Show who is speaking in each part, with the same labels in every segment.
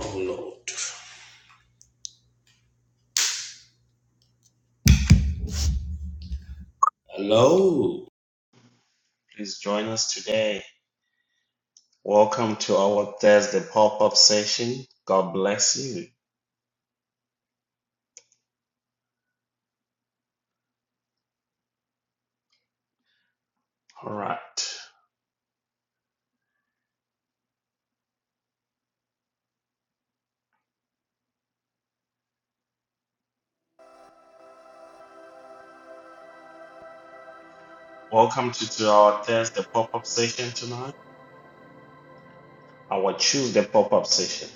Speaker 1: Oh Lord. Hello. Please join us today. Welcome to our Thursday pop up session. God bless you. All right. Welcome to, to our Thursday pop up session tonight. Our Tuesday pop up session.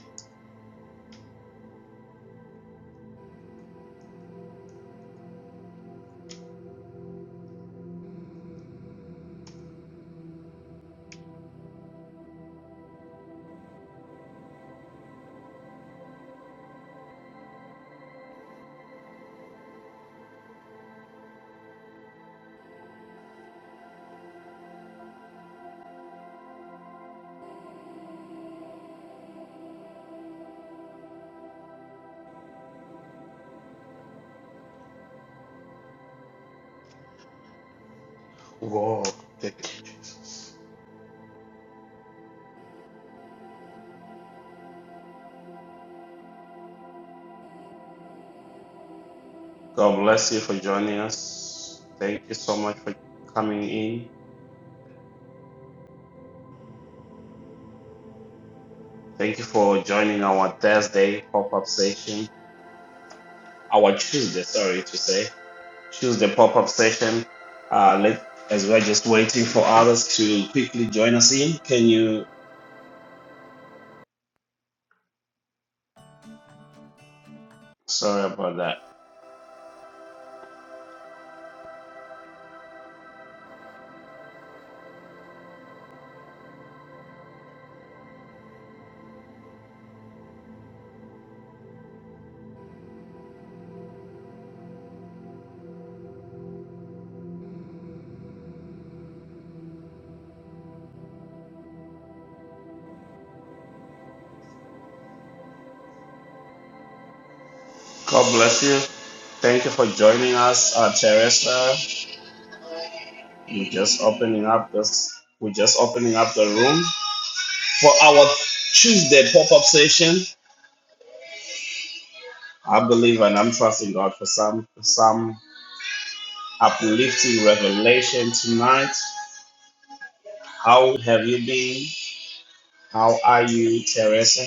Speaker 1: Whoa. Thank you, Jesus. God bless you for joining us. Thank you so much for coming in. Thank you for joining our Thursday pop up session. Our Tuesday, sorry to say. choose the pop-up session. Uh, let as we're just waiting for others to quickly join us in. Can you? Sorry about that. God bless you. Thank you for joining us, uh, Teresa. We're just opening up this. We're just opening up the room for our Tuesday pop-up session. I believe and I'm trusting God for some some uplifting revelation tonight. How have you been? How are you, Teresa?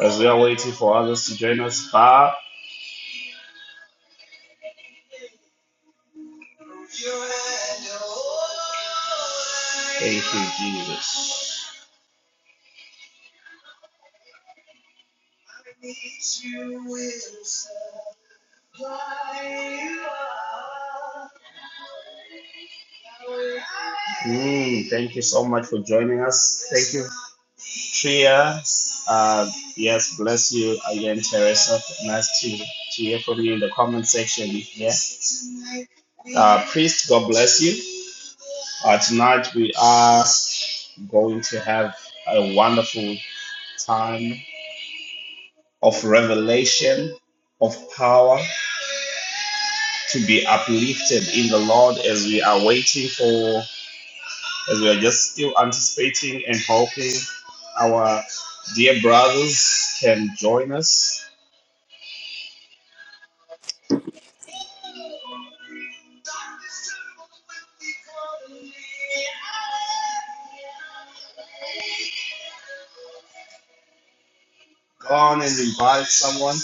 Speaker 1: As we are waiting for others to join us, Father, thank you, Jesus. Mm, thank you so much for joining us. Thank you, Tria. Uh, yes, bless you again, Teresa. Nice to, to hear from you in the comment section. Yeah. Uh, priest, God bless you. Uh, tonight we are going to have a wonderful time of revelation, of power to be uplifted in the Lord as we are waiting for, as we are just still anticipating and hoping our dear brothers can join us. Go on and invite someone.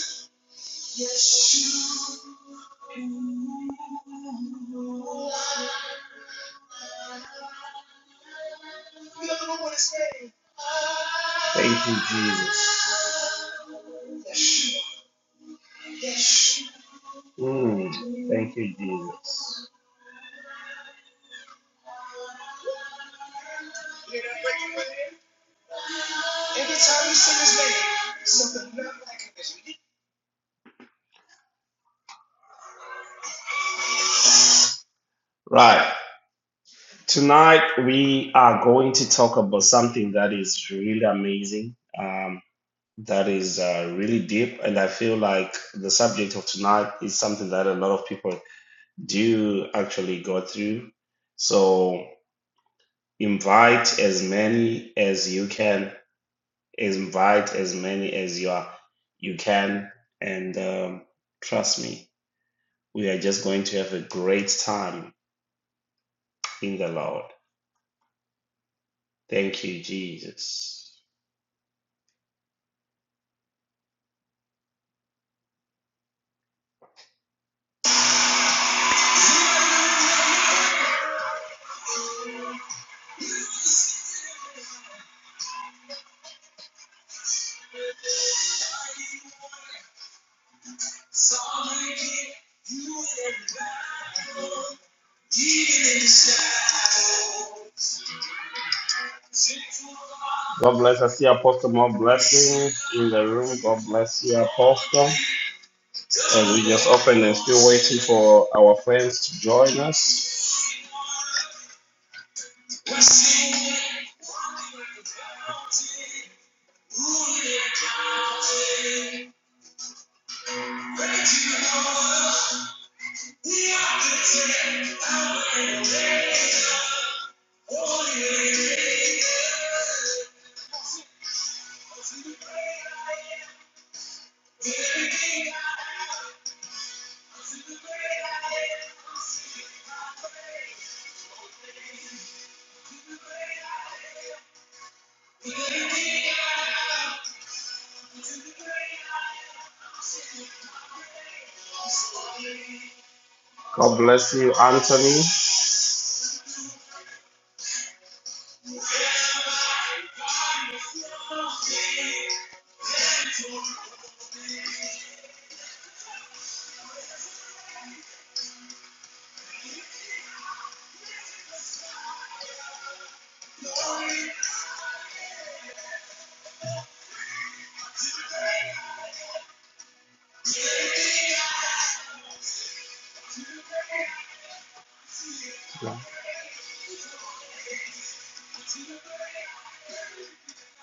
Speaker 1: Thank you, Jesus. Mm, thank you, Jesus. Right. Tonight we are going to talk about something that is really amazing. Um. That is uh, really deep, and I feel like the subject of tonight is something that a lot of people do actually go through. So invite as many as you can, invite as many as you are you can, and um, trust me, we are just going to have a great time in the Lord. Thank you, Jesus. God bless. I see Apostle more blessings in the room. God bless you, Apostle. And we just opened and still waiting for our friends to join us. God bless you, Anthony.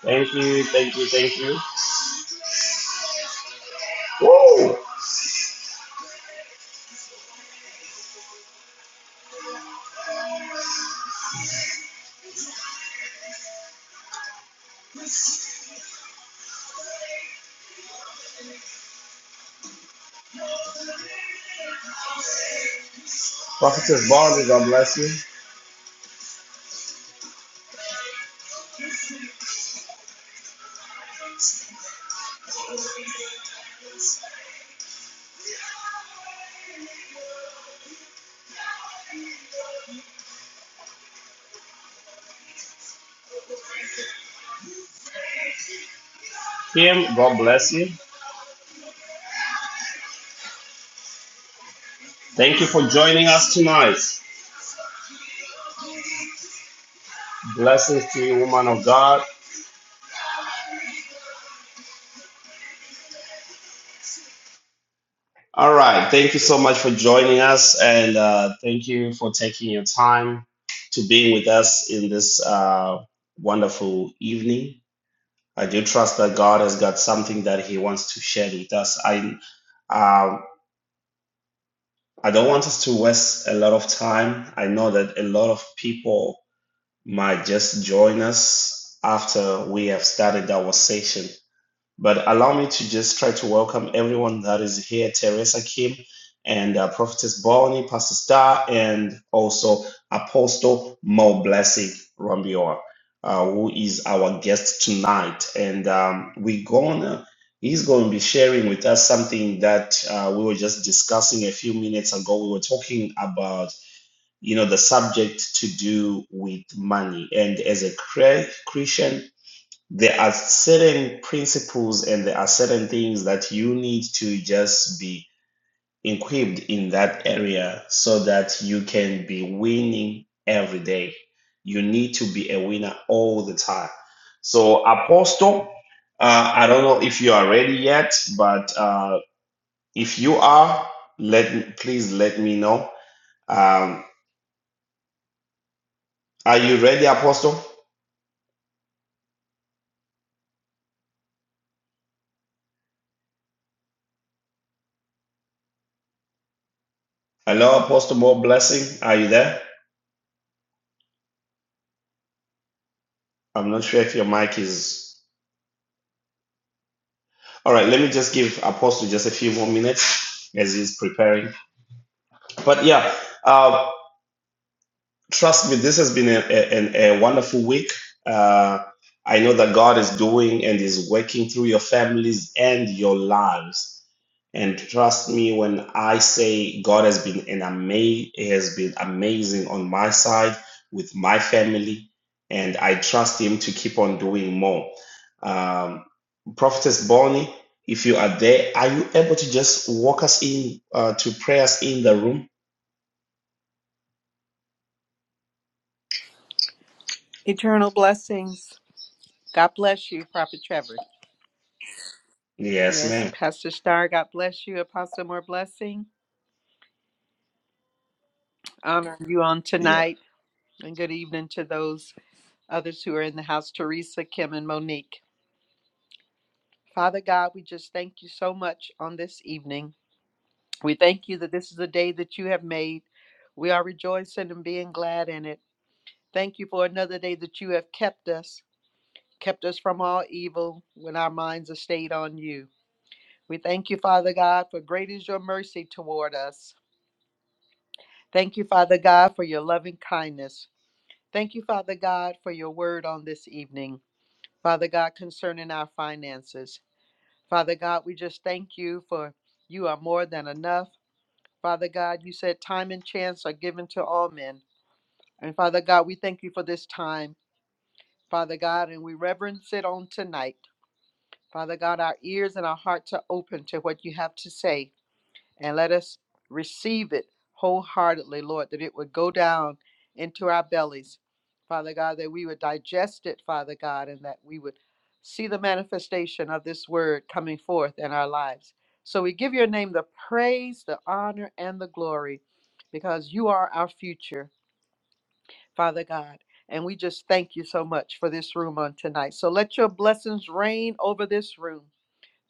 Speaker 1: Thank you, thank you, thank you. Woo! Prophetess Barney, God bless you. Kim, God bless you. Thank you for joining us tonight. Blessings to you, woman of God. All right. Thank you so much for joining us. And uh, thank you for taking your time to being with us in this uh, wonderful evening. I do trust that God has got something that He wants to share with us. I um, I don't want us to waste a lot of time. I know that a lot of people might just join us after we have started our session but allow me to just try to welcome everyone that is here Teresa Kim and uh, Prophetess Bonnie, Pastor Star, and also Apostle Mo Blessing Rambior, uh, who is our guest tonight. And um, we're gonna, he's going to be sharing with us something that uh, we were just discussing a few minutes ago. We were talking about you know the subject to do with money and as a Chri- christian there are certain principles and there are certain things that you need to just be equipped in that area so that you can be winning every day. You need to be a winner all the time. So, Apostle, uh, I don't know if you are ready yet, but uh, if you are, let me, please let me know. Um, are you ready, Apostle? Hello, Apostle. More blessing. Are you there? I'm not sure if your mic is. All right, let me just give Apostle just a few more minutes as he's preparing. But yeah, uh, trust me, this has been a, a, a wonderful week. Uh, I know that God is doing and is working through your families and your lives. And trust me when I say God has been an ama- has been amazing on my side with my family, and I trust Him to keep on doing more. Um, Prophetess Bonnie, if you are there, are you able to just walk us in uh, to pray us in the room?
Speaker 2: Eternal blessings. God bless you, Prophet Trevor.
Speaker 1: Yes,
Speaker 2: Yes,
Speaker 1: ma'am.
Speaker 2: Pastor Starr, God bless you. Apostle, more blessing. Honor you on tonight. And good evening to those others who are in the house Teresa, Kim, and Monique. Father God, we just thank you so much on this evening. We thank you that this is a day that you have made. We are rejoicing and being glad in it. Thank you for another day that you have kept us, kept us from all evil when our minds are stayed on you. We thank you, Father God, for great is your mercy toward us. Thank you, Father God, for your loving kindness. Thank you, Father God, for your word on this evening. Father God, concerning our finances. Father God, we just thank you for you are more than enough. Father God, you said time and chance are given to all men. And Father God, we thank you for this time, Father God, and we reverence it on tonight. Father God, our ears and our hearts are open to what you have to say. and let us receive it wholeheartedly, Lord, that it would go down into our bellies, Father God, that we would digest it, Father God, and that we would see the manifestation of this word coming forth in our lives. So we give your name the praise, the honor, and the glory because you are our future, Father God. And we just thank you so much for this room on tonight. So let your blessings reign over this room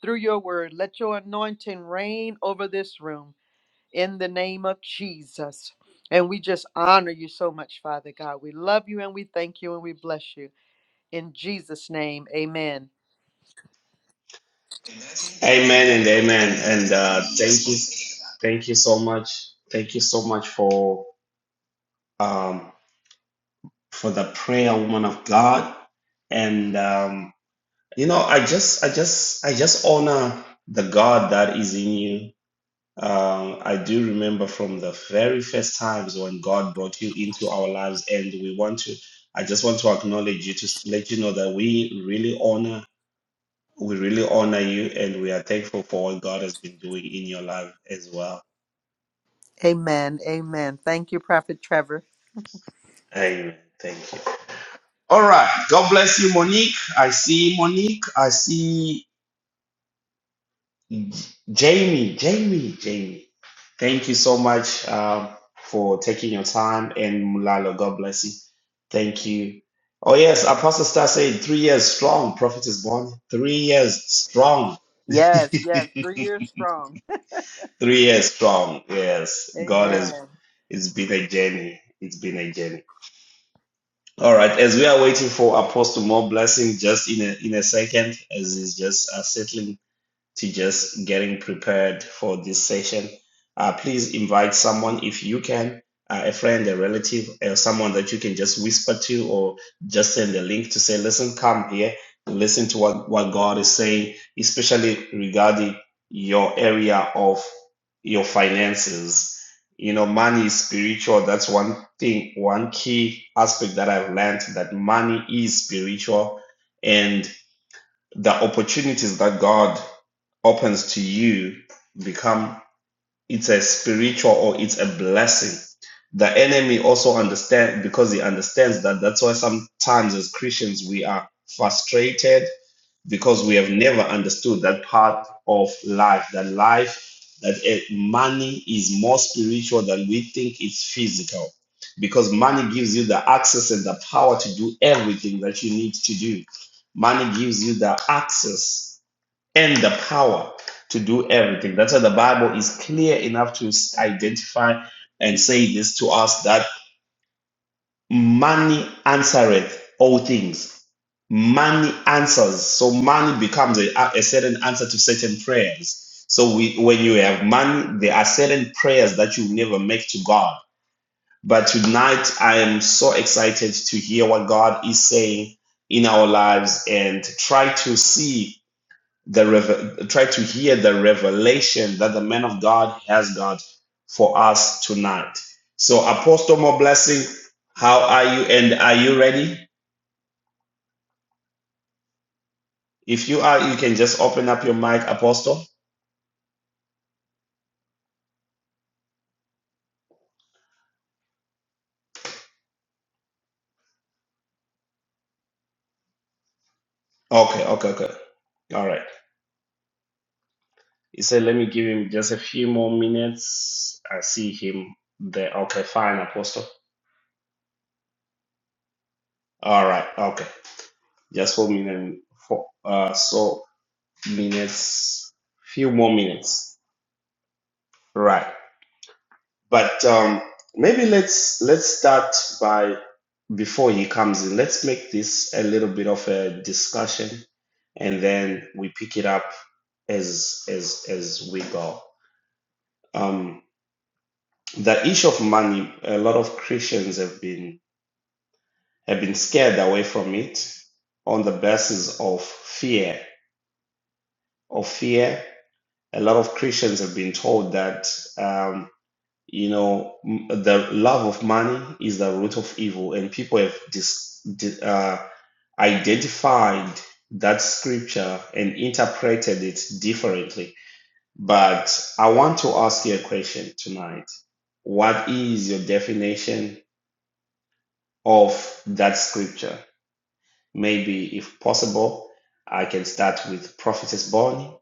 Speaker 2: through your word. Let your anointing reign over this room in the name of Jesus. And we just honor you so much, Father God. We love you and we thank you and we bless you. In Jesus' name, amen.
Speaker 1: Amen and amen. And uh, thank you, thank you so much. Thank you so much for um, for the prayer, woman of God. And um, you know, I just, I just, I just honor the God that is in you. Um, I do remember from the very first times when God brought you into our lives, and we want to. I just want to acknowledge you to s- let you know that we really honor, we really honor you, and we are thankful for what God has been doing in your life as well.
Speaker 2: Amen. Amen. Thank you, Prophet Trevor.
Speaker 1: Amen. Thank you. All right. God bless you, Monique. I see Monique. I see Jamie. Jamie. Jamie. Thank you so much um, for taking your time. And Mulalo, God bless you. Thank you. Oh, yes. Apostle Star said three years strong. Prophet is born. Three years strong.
Speaker 2: Yes, yes,
Speaker 1: three
Speaker 2: three years strong.
Speaker 1: years strong. Yes. God has,
Speaker 2: Amen.
Speaker 1: it's been a journey. It's been a journey. All right, as we are waiting for Apostle more blessing just in a in a second, as he's just uh, settling to just getting prepared for this session. Uh, please invite someone if you can, uh, a friend, a relative, uh, someone that you can just whisper to or just send a link to say, listen, come here, listen to what, what God is saying, especially regarding your area of your finances. You know, money is spiritual. That's one thing, one key aspect that I've learned that money is spiritual and the opportunities that God opens to you become it's a spiritual or it's a blessing. The enemy also understands because he understands that that's why sometimes as Christians we are frustrated because we have never understood that part of life that life that eh, money is more spiritual than we think it's physical because money gives you the access and the power to do everything that you need to do money gives you the access and the power to do everything that's why the bible is clear enough to identify and say this to us that. Money answereth all things. Money answers. So money becomes a, a certain answer to certain prayers. So we, when you have money, there are certain prayers that you never make to God. But tonight, I am so excited to hear what God is saying in our lives and try to see the rev- try to hear the revelation that the man of God has got for us tonight. So, Apostle more blessing. How are you? And are you ready? If you are, you can just open up your mic, Apostle. Okay, okay, okay. All right. He said, "Let me give him just a few more minutes." I see him there. Okay, fine, Apostle. All right. Okay, just four minutes. Four. Uh, so minutes. Few more minutes. Right. But um, maybe let's let's start by before he comes in. Let's make this a little bit of a discussion, and then we pick it up as as as we go. Um, the issue of money, a lot of Christians have been have been scared away from it on the basis of fear. Of fear, a lot of Christians have been told that. Um, You know, m- the love of money is the root of evil, and people have dis- di- uh, identified that scripture and interpreted it differently. But I want to ask you a question tonight. What is your definition of that scripture? Maybe, if possible, I can start with Prophetess Bonnie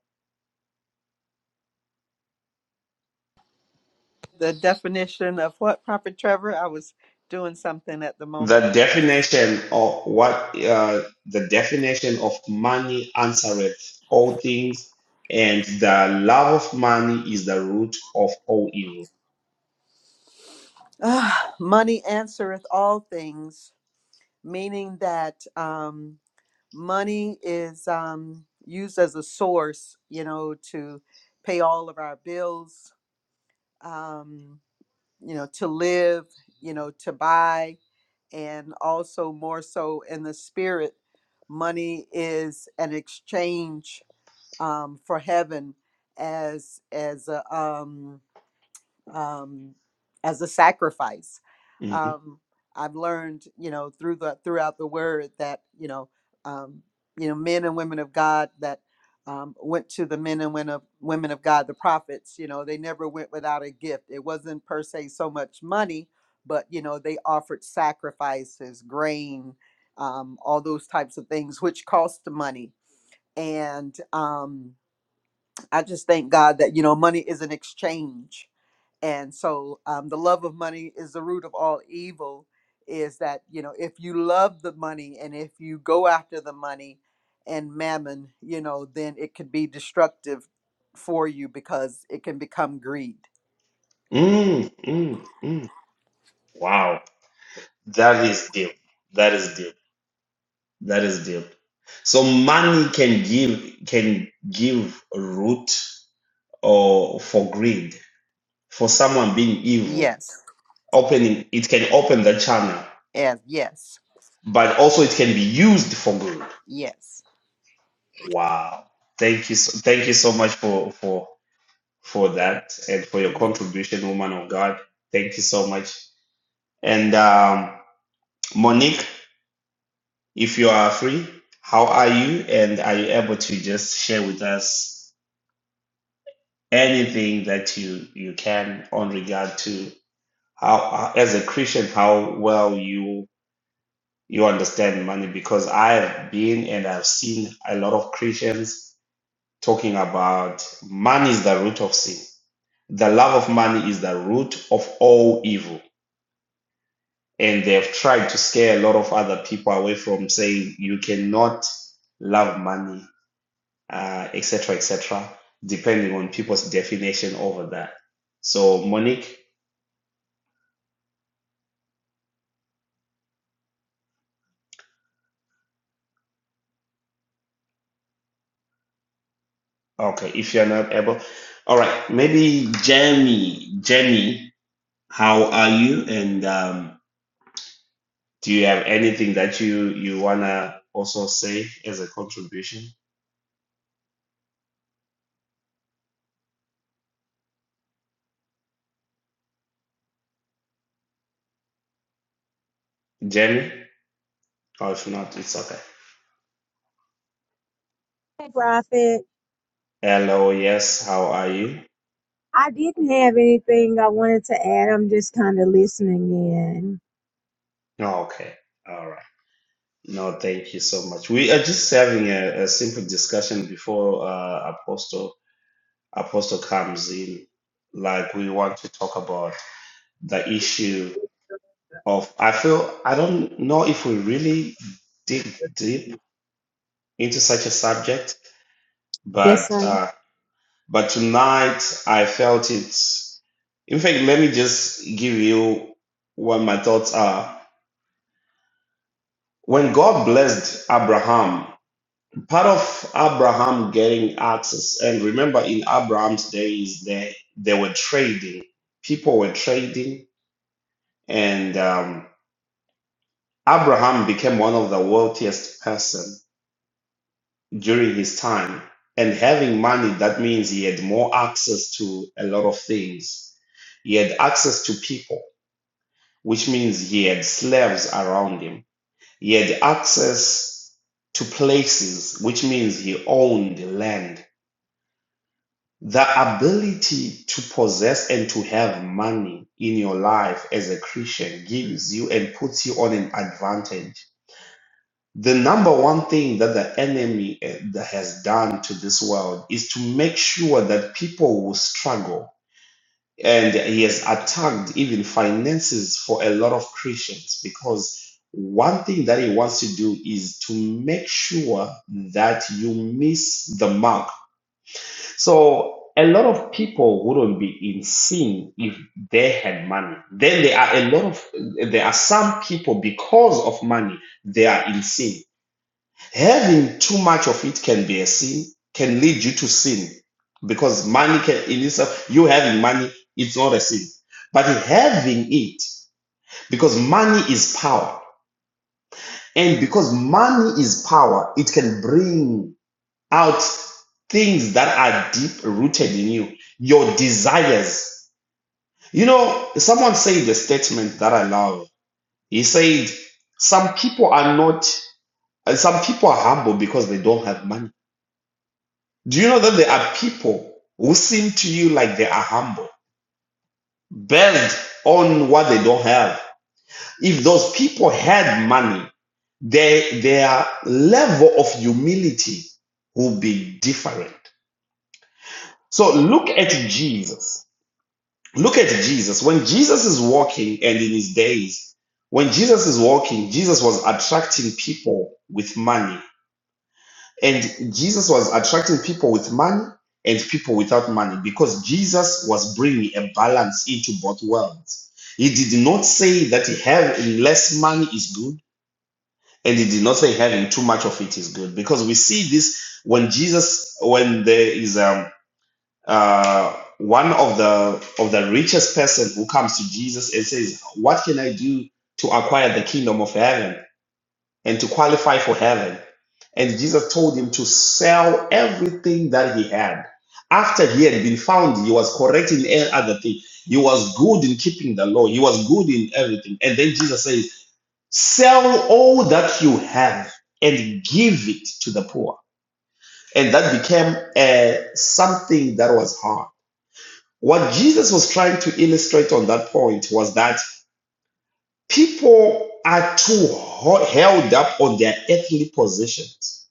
Speaker 2: The definition of what, Prophet Trevor? I was doing something at the
Speaker 1: The
Speaker 2: moment.
Speaker 1: definition of what uh, the definition of money answereth all things, and the love of money is the root of all evil.
Speaker 2: Ah, money answereth all things, meaning that. um, money is um, used as a source, you know, to pay all of our bills, um, you know, to live, you know, to buy, and also more so in the spirit, money is an exchange um, for heaven as as a um, um, as a sacrifice.
Speaker 1: Mhm.
Speaker 2: Um, I've learned, you know, through the throughout the word that you know, um, you know, men and women of God that um, went to the men and women of women of God, the prophets. You know, they never went without a gift. It wasn't per se so much money, but you know, they offered sacrifices, grain, um, all those types of things, which cost money. And um, I just thank God that you know money is an exchange, and so um, the love of money is the root of all evil. Is that you know if you love the money and if you go after the money and mammon, you know, then it could be destructive for you because it can become greed.
Speaker 1: Mm, mm, mm. Wow, that is deep. That is deep. That is deep. So money can give can give root or for greed for someone being evil.
Speaker 2: Yes,
Speaker 1: Opening it can open the channel,
Speaker 2: yes, yes,
Speaker 1: but also it can be used for good.
Speaker 2: yes.
Speaker 1: Wow. Thank you so, thank you so much for for for that and for your contribution, woman of God. Thank you so much. And um, Monique, if you are free, how are you? And are you able to just share with us anything that you you can on regard to how how- as a Christian how well you you understand money? Because I've been and I've seen a lot of Christians talking about money is the root of sin. The love of money is the root of all evil. And they've tried to scare a lot of other people away from saying you cannot love money, uh, et cetera, et cetera, depending on people's definition over that. So, Monique, okay, if you're not able, all right, maybe Jamie, Jamie, how are you? And um, do you have anything that you you wanna also say as a contribution? Jenny? Oh, if not, it's okay.
Speaker 3: Hey, Prophet.
Speaker 1: Hello, yes, how are you?
Speaker 3: I didn't have anything I wanted to add. I'm just kind of listening in.
Speaker 1: Oh, okay, all right. No, thank you so much. We are just having a, a simple discussion before uh, Apostle Apostle comes in. Like we want to talk about the issue of. I feel I don't know if we really dig deep into such a subject,
Speaker 3: Yes,
Speaker 1: but
Speaker 3: sir.
Speaker 1: uh, but tonight I felt it. In fact, let me just give you what my thoughts are When God blessed Abraham, part of Abraham getting access, and remember in Abraham's days, they, they were trading. People were trading, and um, Abraham became one of the wealthiest person during his time. And having money, that means he had more access to a lot of things. He had access to people, which means he had slaves around him He had access to places, which means he owned land. The ability to possess and to have money in your life as a Christian gives you and puts you on an advantage. The number one thing that the enemy eh, that has done to this world is to make sure that people will struggle and he has attacked even finances for a lot of Christians because one thing that he wants to do is to make sure that you miss the mark. So a lot of people wouldn't be in sin if they had money. Then there are a lot of there are some people because of money they are in sin Having too much of it can be a sin, can lead you to sin. Because money can in itself, you having money, it's not a sin. But having it, because money is power. And because money is power, it can bring out things that are deep rooted in you, your desires. You know, someone said the statement that I love. He said, Some people are not, uh, some people are humble because they don't have money Do you know that there are people who seem to you like they are humble, build on what they don't have? If those people had money, they, their level of humility will be different. So look at Jesus. Look at Jesus. When Jesus is walking, and in his days, when Jesus is walking, Jesus was attracting people with money And Jesus was attracting people with money and people without money because Jesus was bringing a balance into both worlds. He did not say that having less money is good, and he did not say having too much of it is good because we see this when Jesus, when there is um, uh, one of the of the richest person who comes to Jesus and says, "What can I do to acquire the kingdom of heaven?" and to qualify for heaven. And Jesus told him to sell everything that he had. After he had been found, he was correct in every other thing. He was good in keeping the law. He was good in everything. And then Jesus says, Sell all that you have and give it to the poor. And that became uh, something that was hard. What Jesus was trying to illustrate on that point was that people are too held up on their earthly positions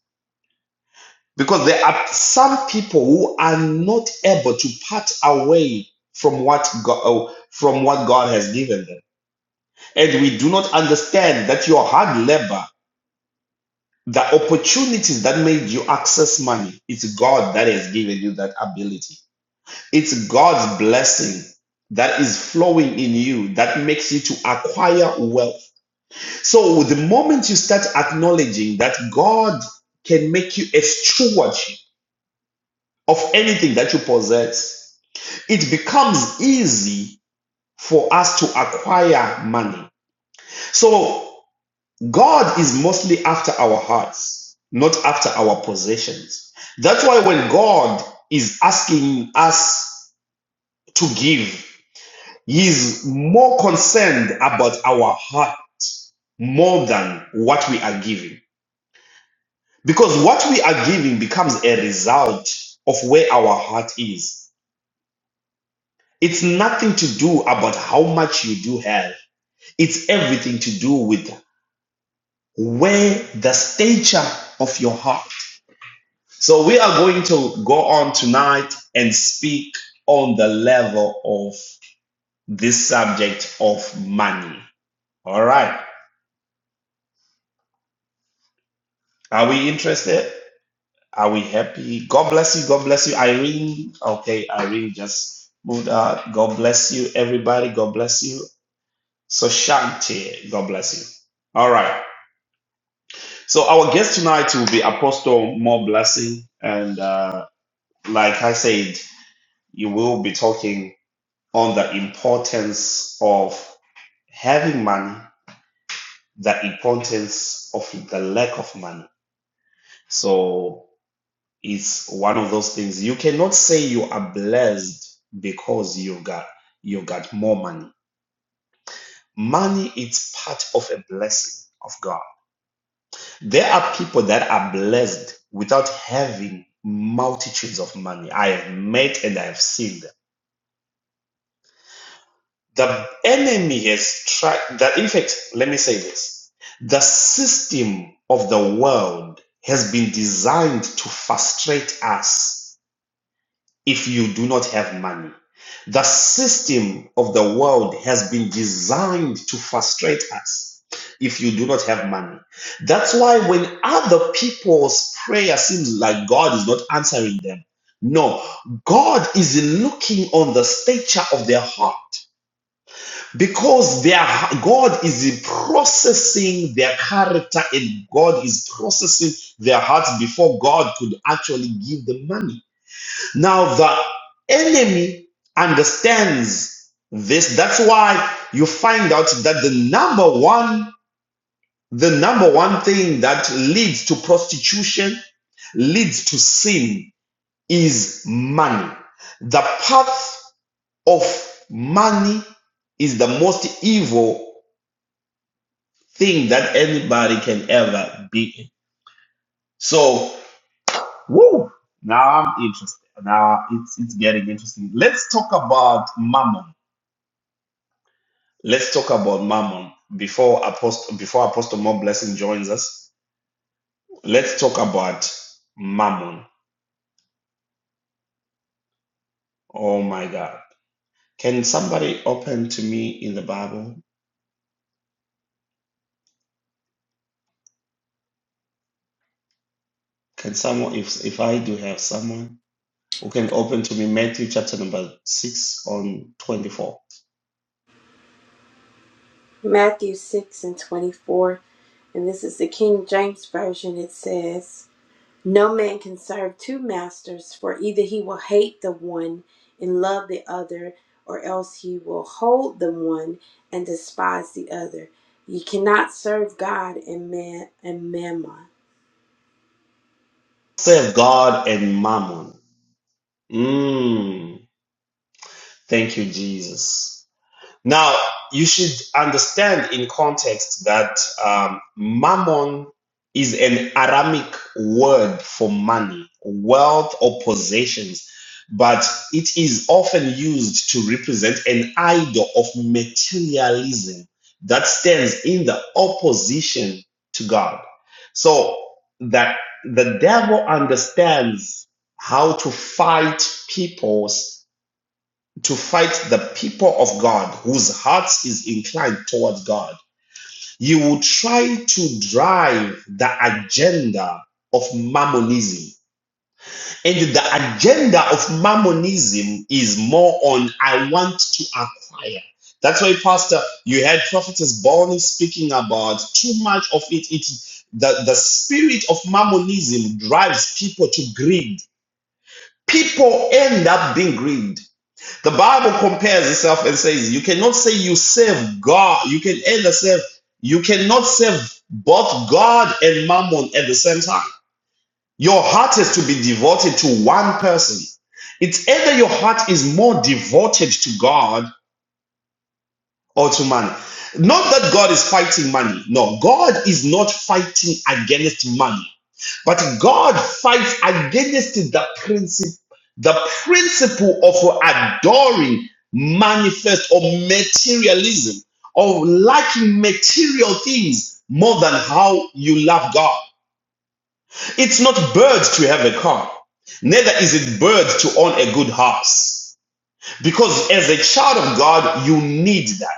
Speaker 1: Because there are some people who are not able to part away from what God, uh, from what God has given them. And we do not understand that your hard labor, the opportunities that made you access money, it's God that has given you that ability. It's God's blessing that is flowing in you that makes you to acquire wealth. So the moment you start acknowledging that God can make you a steward of anything that you possess, it becomes easy for us to acquire money. So God is mostly after our hearts, not after our possessions. That's why when God is asking us to give, He is more concerned about our heart more than what we are giving. Because what we are giving becomes a result of where our heart is. It's nothing to do about how much you do have It's everything to do with where the stature of your heart. So we are going to go on tonight and speak on the level of this subject of money. All right. Are we interested? Are we happy? God bless you. God bless you, Irene. Okay, Irene just moved out. God bless you, everybody. God bless you. So Shanti, God bless you. All right. So our guest tonight will be Apostle More Blessing, and uh, like I said, you will be talking on the importance of having money, the importance of the lack of money. So it's one of those things. You cannot say you are blessed because you got you got more money. Money is part of a blessing of God. There are people that are blessed without having multitudes of money. I have met and I have seen them The enemy has tried that in fact, let me say this. The system of the world has been designed to frustrate us if you do not have money. The system of the world has been designed to frustrate us if you do not have money. That's why when other people's prayer seems like God is not answering them, no, God is looking on the stature of their heart. Because their God is processing their character and God is processing their hearts before God could actually give them money. Now the enemy understands this. That's why you find out that the number one, the number one thing that leads to prostitution, leads to sin is money. The path of money is the most evil thing that anybody can ever be. So, woo, now I'm interested. Now it's it's getting interesting. Let's talk about Mammon. Let's talk about Mammon before Apostle before Apostle More Blessing joins us. Let's talk about Mammon. Oh my God! Can somebody open to me in the Bible? Can someone, if if I do have someone who can open to me Matthew chapter number six on twenty four.
Speaker 4: Matthew 6 and 24, and this is the King James Version. It says, No man can serve two masters, for either he will hate the one and love the other, or else he will hold the one and despise the other. You cannot serve God and man and mammon.
Speaker 1: Save God and Mammon. Mm. Thank you, Jesus. Now, you should understand in context that um, mammon is an Aramic word for money, wealth, or possessions, but it is often used to represent an idol of materialism that stands in the opposition to God. So that the devil understands how to fight people's to fight the people of God whose hearts is inclined towards God. You will try to drive the agenda of mammonism. And the agenda of mammonism is more on I want to acquire. That's why, Pastor, you had Prophetess Bonnie speaking about too much of it. It the, the spirit of mammonism drives people to greed. People end up being greed. The Bible compares itself and says, You cannot say you serve God. You can either serve, you cannot serve both God and Mammon at the same time. Your heart is to be devoted to one person. It's either your heart is more devoted to God or to money. Not that God is fighting money. No, God is not fighting against money. But God fights against the principle, the principle of adoring manifest or materialism of liking material things more than how you love God. It's not birds to have a car, neither is it birds to own a good house. Because as a child of God, you need that.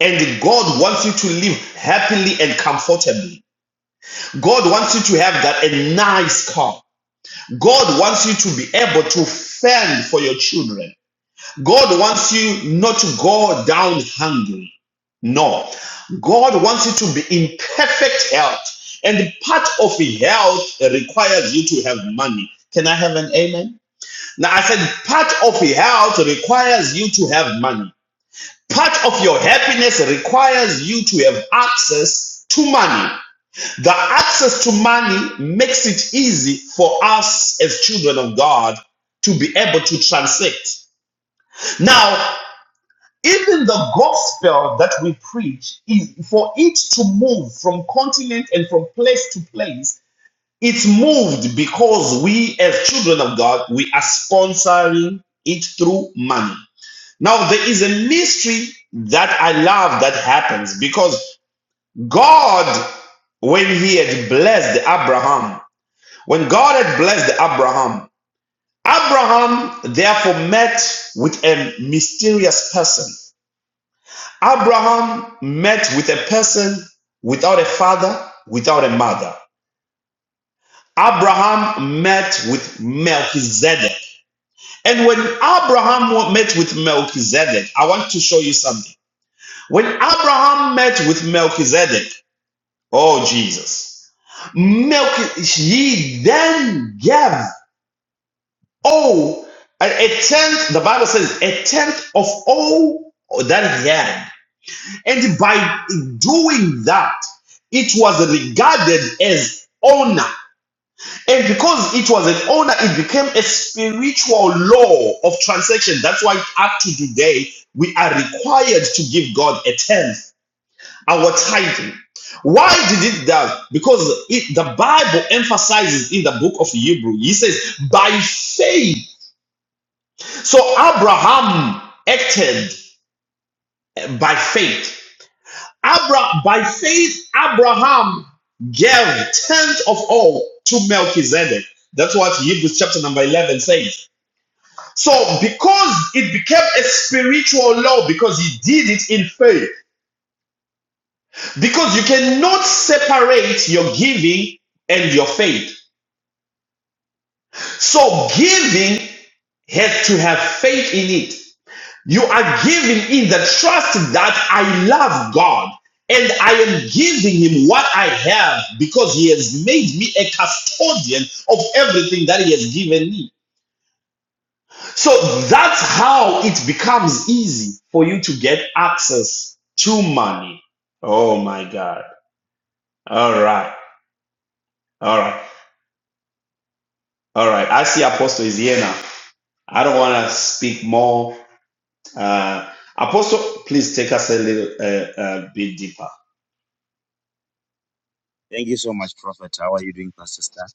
Speaker 1: And God wants you to live happily and comfortably. God wants you to have that a nice car. God wants you to be able to fend for your children. God wants you not to go down hungry. No. God wants you to be in perfect health. And part of health requires you to have money. Can I have an amen? Now, I said part of health requires you to have money. Part of your happiness requires you to have access to money. The access to money makes it easy for us as children of God to be able to transact. Now, even the gospel that we preach is for it to move from continent and from place to place. It's moved because we, as children of God, we are sponsoring it through money. Now, there is a mystery that I love that happens because God, when He had blessed Abraham, when God had blessed Abraham, Abraham therefore met with a mysterious person. Abraham met with a person without a father, without a mother. Abraham met with Melchizedek. And when Abraham met with Melchizedek, I want to show you something. When Abraham met with Melchizedek, oh Jesus, Melch- he then gave Oh, a, a tenth, the Bible says, a tenth of all that he had. And by doing that, it was regarded as honor. And because it was an honor, it became a spiritual law of transaction. That's why up to today, we are required to give God a tenth, our tithing. Why did it that? Because it, the Bible emphasizes in the book of Hebrew, he says, by faith so Abraham acted by faith. Abra- by faith, Abraham gave tenth of all to Melchizedek. That's what Hebrews chapter number 11 says. So because it became a spiritual law, because he did it in faith, because you cannot separate your giving and your faith. So giving has to have faith in it. You are giving in the trust that I love God and I am giving him what I have because he has made me a custodian of everything that he has given me. So that's how it becomes easy for you to get access to money. Oh my God. All right. All right. All right. I see Apostle is here now. I don't want to speak more. Uh, Apostle, please take us a little uh, uh, bit deeper.
Speaker 5: Thank you so much, Prophet. How are you doing, Pastor Star?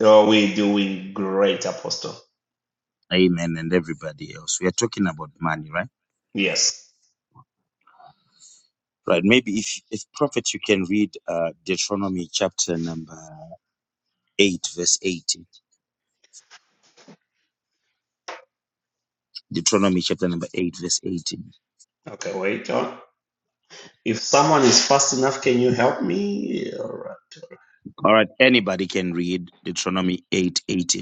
Speaker 1: Oh, we're doing great, Apostle.
Speaker 5: Amen, and everybody else. We are talking about money, right?
Speaker 1: Yes.
Speaker 5: Right. Maybe if, if Prophet, you can read uh, Deuteronomy chapter number 8, verse 18. Deuteronomy chapter number 8, verse 18.
Speaker 1: Okay, wait on. If someone is fast enough, can you help me? All right.
Speaker 5: All right. Anybody can read Deuteronomy eight, eighteen.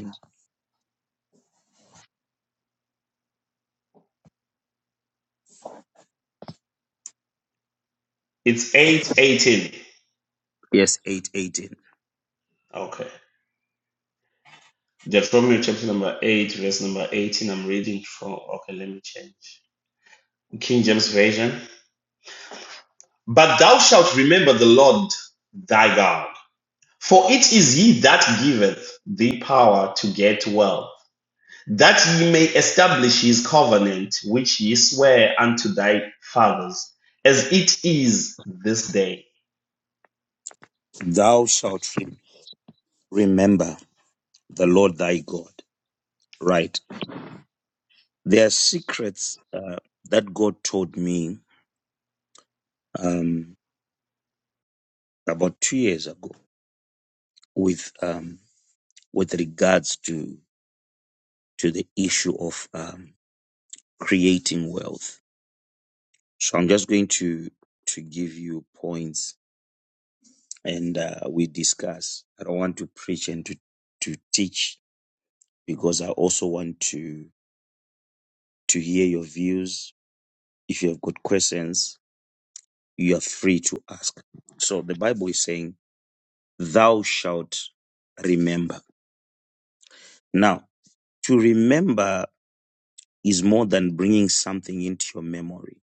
Speaker 1: It's 818.
Speaker 5: Yes, eight, eighteen.
Speaker 1: Okay. Deuteronomy chapter number 8, verse number 18. I'm reading from. Okay, let me change. King James Version. But thou shalt remember the Lord thy God, for it is he that giveth thee power to get wealth that ye may establish his covenant, which ye swear unto thy fathers, as it is this day.
Speaker 5: Thou shalt re- remember the Lord thy God. Right. There are secrets uh, that God told me um, about two years ago with. Um, with regards to to the issue of um, creating wealth. So I'm just going to to give you points and uh, we discuss. I don't want to preach and to to teach because I also want to to hear your views. If you have got questions, you are free to ask. So the Bible is saying, "Thou shalt remember." Now, to remember is more than bringing something into your memory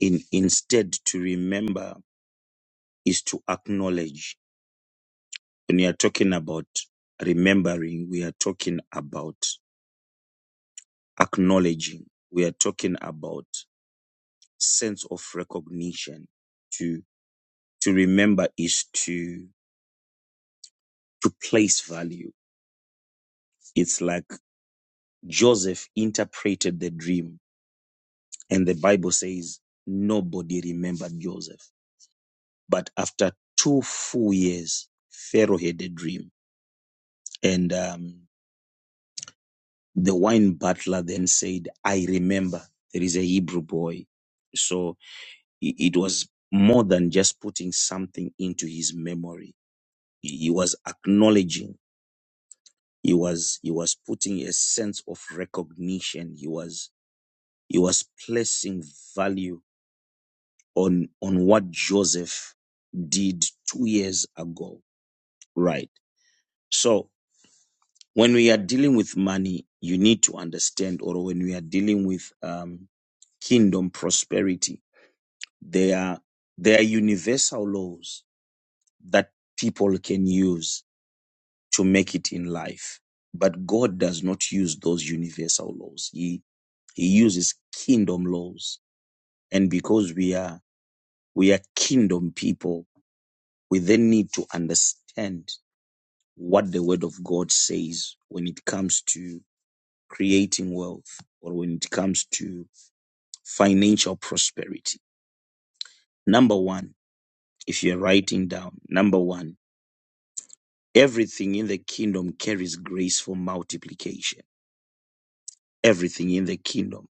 Speaker 5: in instead to remember is to acknowledge when we are talking about remembering we are talking about acknowledging we are talking about sense of recognition to to remember is to to place value it's like joseph interpreted the dream and the bible says nobody remembered joseph but after two full years pharaoh had a dream and um The wine butler then said, I remember there is a Hebrew boy. So i- it was more than just putting something into his memory. He he was acknowledging. He was, he was putting a sense of recognition. He was, he was placing value on, on what Joseph did two years ago. Right. So when we are dealing with money, you need to understand, or when we are dealing with, um, kingdom prosperity, They are, they are universal laws that people can use to make it in life. But God does not use those universal laws. He, he uses kingdom laws. And because we are, we are kingdom people, we then need to understand what the word of God says when it comes to creating wealth or when it comes to financial prosperity. Number one, if you're writing down, number one, Everything in the kingdom carries grace for multiplication. Everything in the kingdom,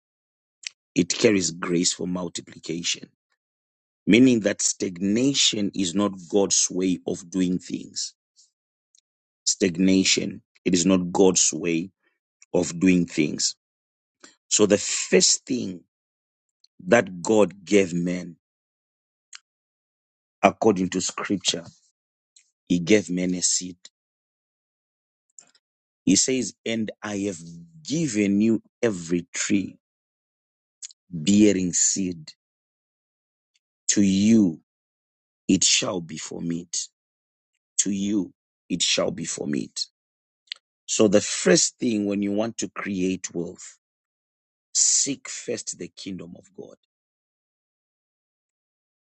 Speaker 5: it carries grace for multiplication, meaning that stagnation is not God's way of doing things. Stagnation, it is not God's way of doing things. So the first thing that God gave men, according to scripture, he gave men a seed. He says, and I have given you every tree bearing seed to you it shall be for meat. To you, it shall be for meat. So the first thing when you want to create wealth, seek first the kingdom of God.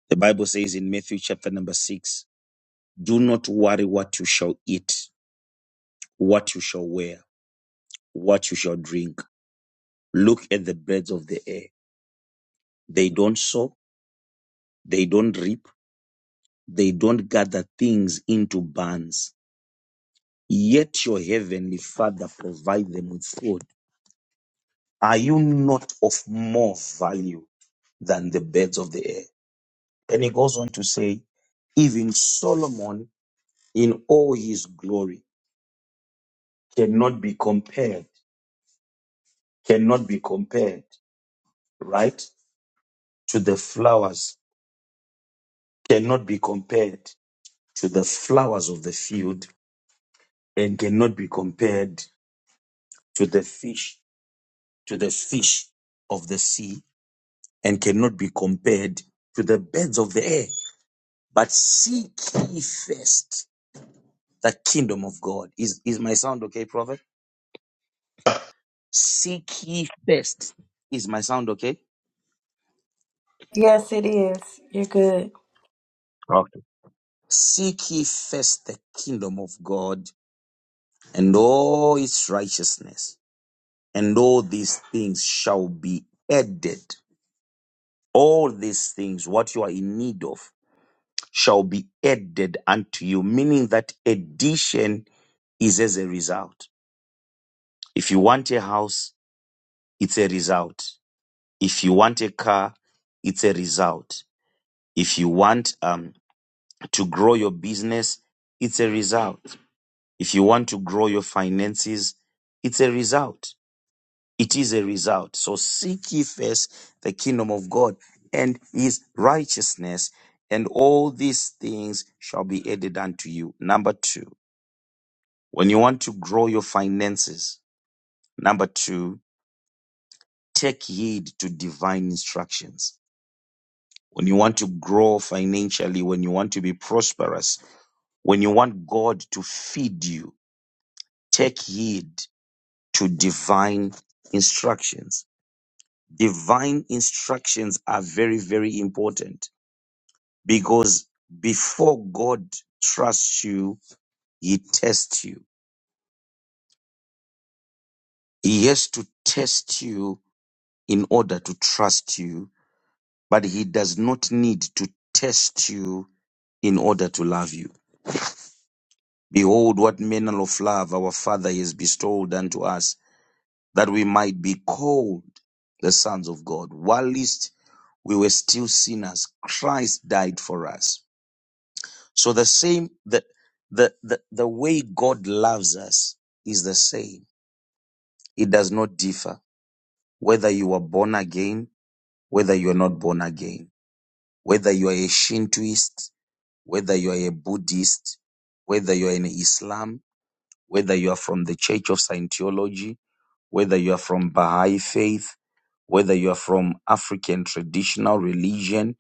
Speaker 5: The Bible says in Matthew chapter number six, do not worry what you shall eat, what you shall wear, what you shall drink. Look at the birds of the air. They don't sow, they don't reap, they don't gather things into barns. Yet your heavenly Father provide them with food Are you not of more value than the birds of the air? And he goes on to say, even Solomon in all his glory cannot be compared, cannot be compared, right? To the flowers, cannot be compared to the flowers of the field, and cannot be compared to the fish, to the fish of the sea, and cannot be compared to the birds of the air. But seek ye first. the kingdom of God. Is is my sound okay, prophet? Seek ye first. Is my sound okay?
Speaker 4: Yes, it is. You're good.
Speaker 5: Okay. Seek ye first the kingdom of God and all its righteousness, and all these things shall be added. All these things, what you are in need of, shall be added unto you, meaning that addition is as a result. If you want a house, it's a result. If you want a car, it's a result. If you want um, to grow your business, it's a result. If you want to grow your finances, it's a result. It is a result. So seek ye first the kingdom of God and his righteousness, and all these things shall be added unto you. Number two, when you want to grow your finances, number two, take heed to divine instructions. When you want to grow financially, when you want to be prosperous, When you want God to feed you, take heed to divine instructions. Divine instructions are very, very important because before God trusts you, he tests you. He has to test you in order to trust you, but he does not need to test you in order to love you. Behold, what manner of love our Father has bestowed unto us that we might be called the sons of God. Whilst we were still sinners, Christ died for us. So the same, the, the, the, the way God loves us is the same. It does not differ whether you are born again, whether you are not born again, whether you are a Shintoist, whether you are a Buddhist, whether you are in Islam, whether you are from the Church of Scientology, whether you are from Baha'i faith, whether you are from African traditional religion,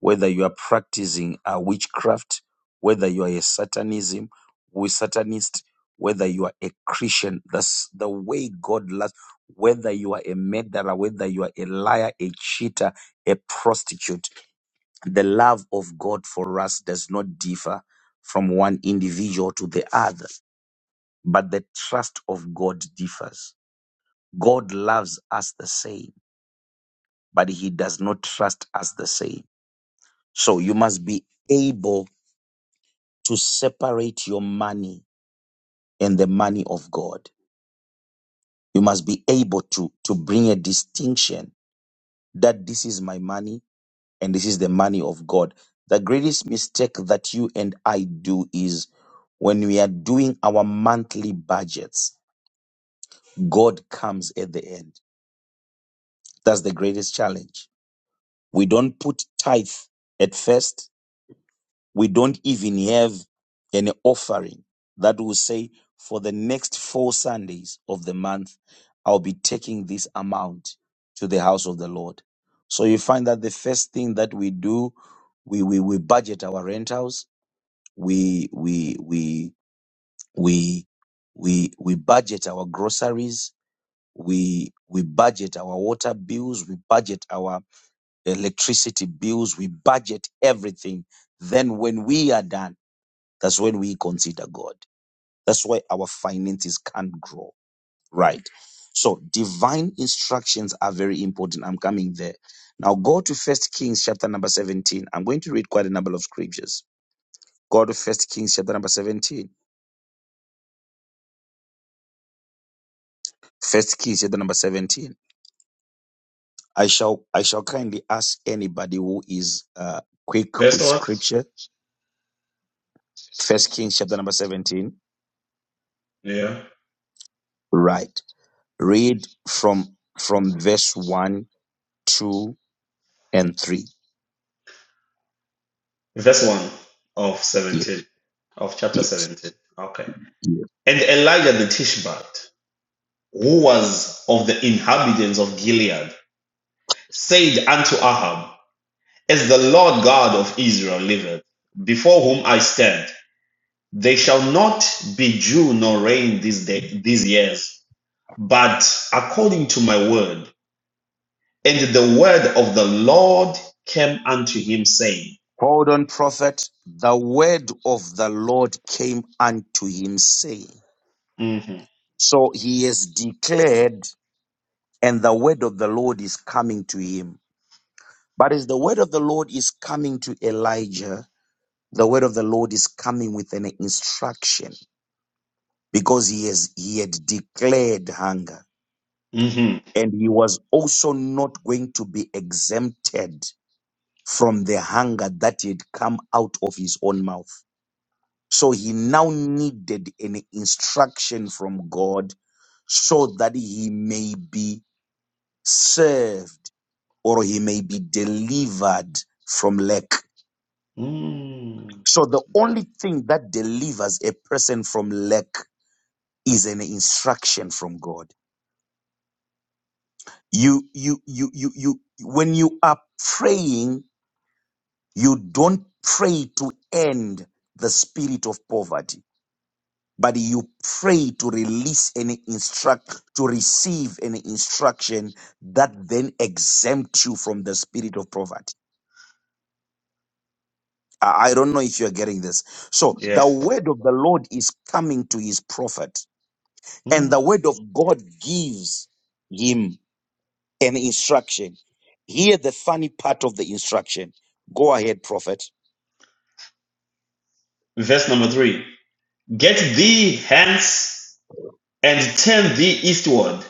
Speaker 5: whether you are practicing a witchcraft, whether you are a satanism, we satanist, whether you are a Christian, that's the way God loves, whether you are a murderer, whether you are a liar, a cheater, a prostitute, the love of God for us does not differ from one individual to the other, but the trust of God differs God loves us the same, but he does not trust us the same. So you must be able to separate your money and the money of God. You must be able to, to bring a distinction that this is my money and this is the money of God. The greatest mistake that you and I do is when we are doing our monthly budgets, God comes at the end. That's the greatest challenge. We don't put tithe at first We don't even have an offering that will say for the next four Sundays of the month, I'll be taking this amount to the house of the Lord. So you find that the first thing that we do, we, we, we budget our rentals. We, we, we, we, we, we budget our groceries. We, we budget our water bills. We budget our electricity bills. We budget everything. Then when we are done, that's when we consider God. That's why our finances can't grow, right? So divine instructions are very important. I'm coming there. Now go to First Kings chapter number 17. I'm going to read quite a number of scriptures. Go to First Kings chapter number 17. First Kings chapter number 17. I shall I shall kindly ask anybody who is uh, quick
Speaker 1: Verse
Speaker 5: with
Speaker 1: what?
Speaker 5: scripture. First Kings chapter number 17.
Speaker 1: Yeah.
Speaker 5: Right. Read from from verse 1, 2, and 3.
Speaker 1: Verse 1 of 17, of chapter
Speaker 5: Yes.
Speaker 1: 17. Okay. And Elijah the Tishbite, who was of the inhabitants of Gilead, said unto Ahab, As the Lord God of Israel liveth, before whom I stand, there shall not be dew nor rain these, day, these years. but according to my word. And the word of the Lord came unto him, saying,
Speaker 5: Hold on, prophet. The word of the Lord came unto him, saying,
Speaker 1: Mhm,
Speaker 5: So he is declared, and the word of the Lord is coming to him. But as the word of the Lord is coming to Elijah, the word of the Lord is coming with an instruction because he has he had declared hunger
Speaker 1: mhm,
Speaker 5: and he was also not going to be exempted from the hunger that had come out of his own mouth So he now needed an instruction from God so that he may be served or he may be delivered from lack.
Speaker 1: mm,
Speaker 5: So the only thing that delivers a person from lack is an instruction from God. You, you, you, you, you, when you are praying, you don't pray to end the spirit of poverty but you pray to release any instruct to receive any instruction that then exempts you from the spirit of poverty i I don't know if you're getting this so the
Speaker 1: Yes.
Speaker 5: word of the lord is coming to his prophet and the
Speaker 1: Mm.
Speaker 5: word of god gives him an instruction Hear the funny part of the instruction go ahead prophet
Speaker 1: Verse number three Get thee hence and turn thee eastward,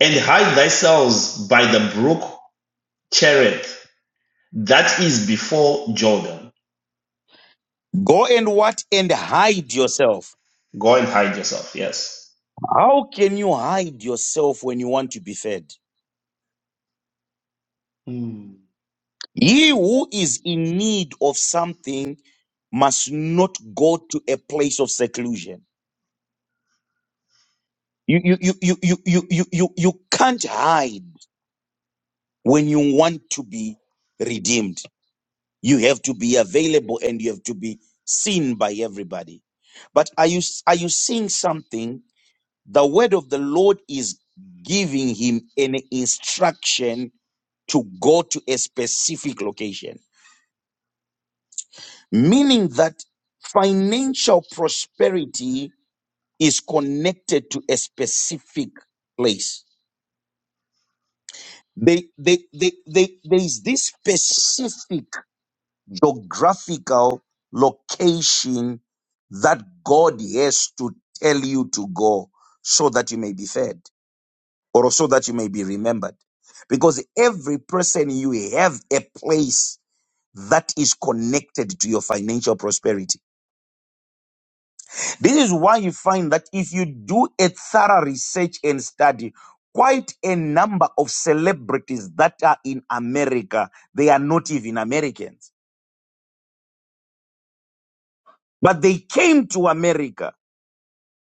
Speaker 1: and hide thyself by the brook Cherith, that is before Jordan.
Speaker 5: go and what and hide yourself
Speaker 1: Go and hide yourself. Yes.
Speaker 5: how can you hide yourself when you want to be fed
Speaker 1: Mm.
Speaker 5: He who is in need of something must not go to a place of seclusion. You, you, you, you, you, you, you, you, you can't hide when you want to be redeemed. You have to be available and you have to be seen by everybody. But are you, are you seeing something? The word of the Lord is giving him an instruction to go to a specific location. meaning that financial prosperity is connected to a specific place. They, they, they, they, there is this specific geographical location that God has to tell you to go so that you may be fed or so that you may be remembered. Because every person you have a place that is connected to your financial prosperity This is why you find that if you do a thorough research and study, quite a number of celebrities that are in America, they are not even Americans, but they came to America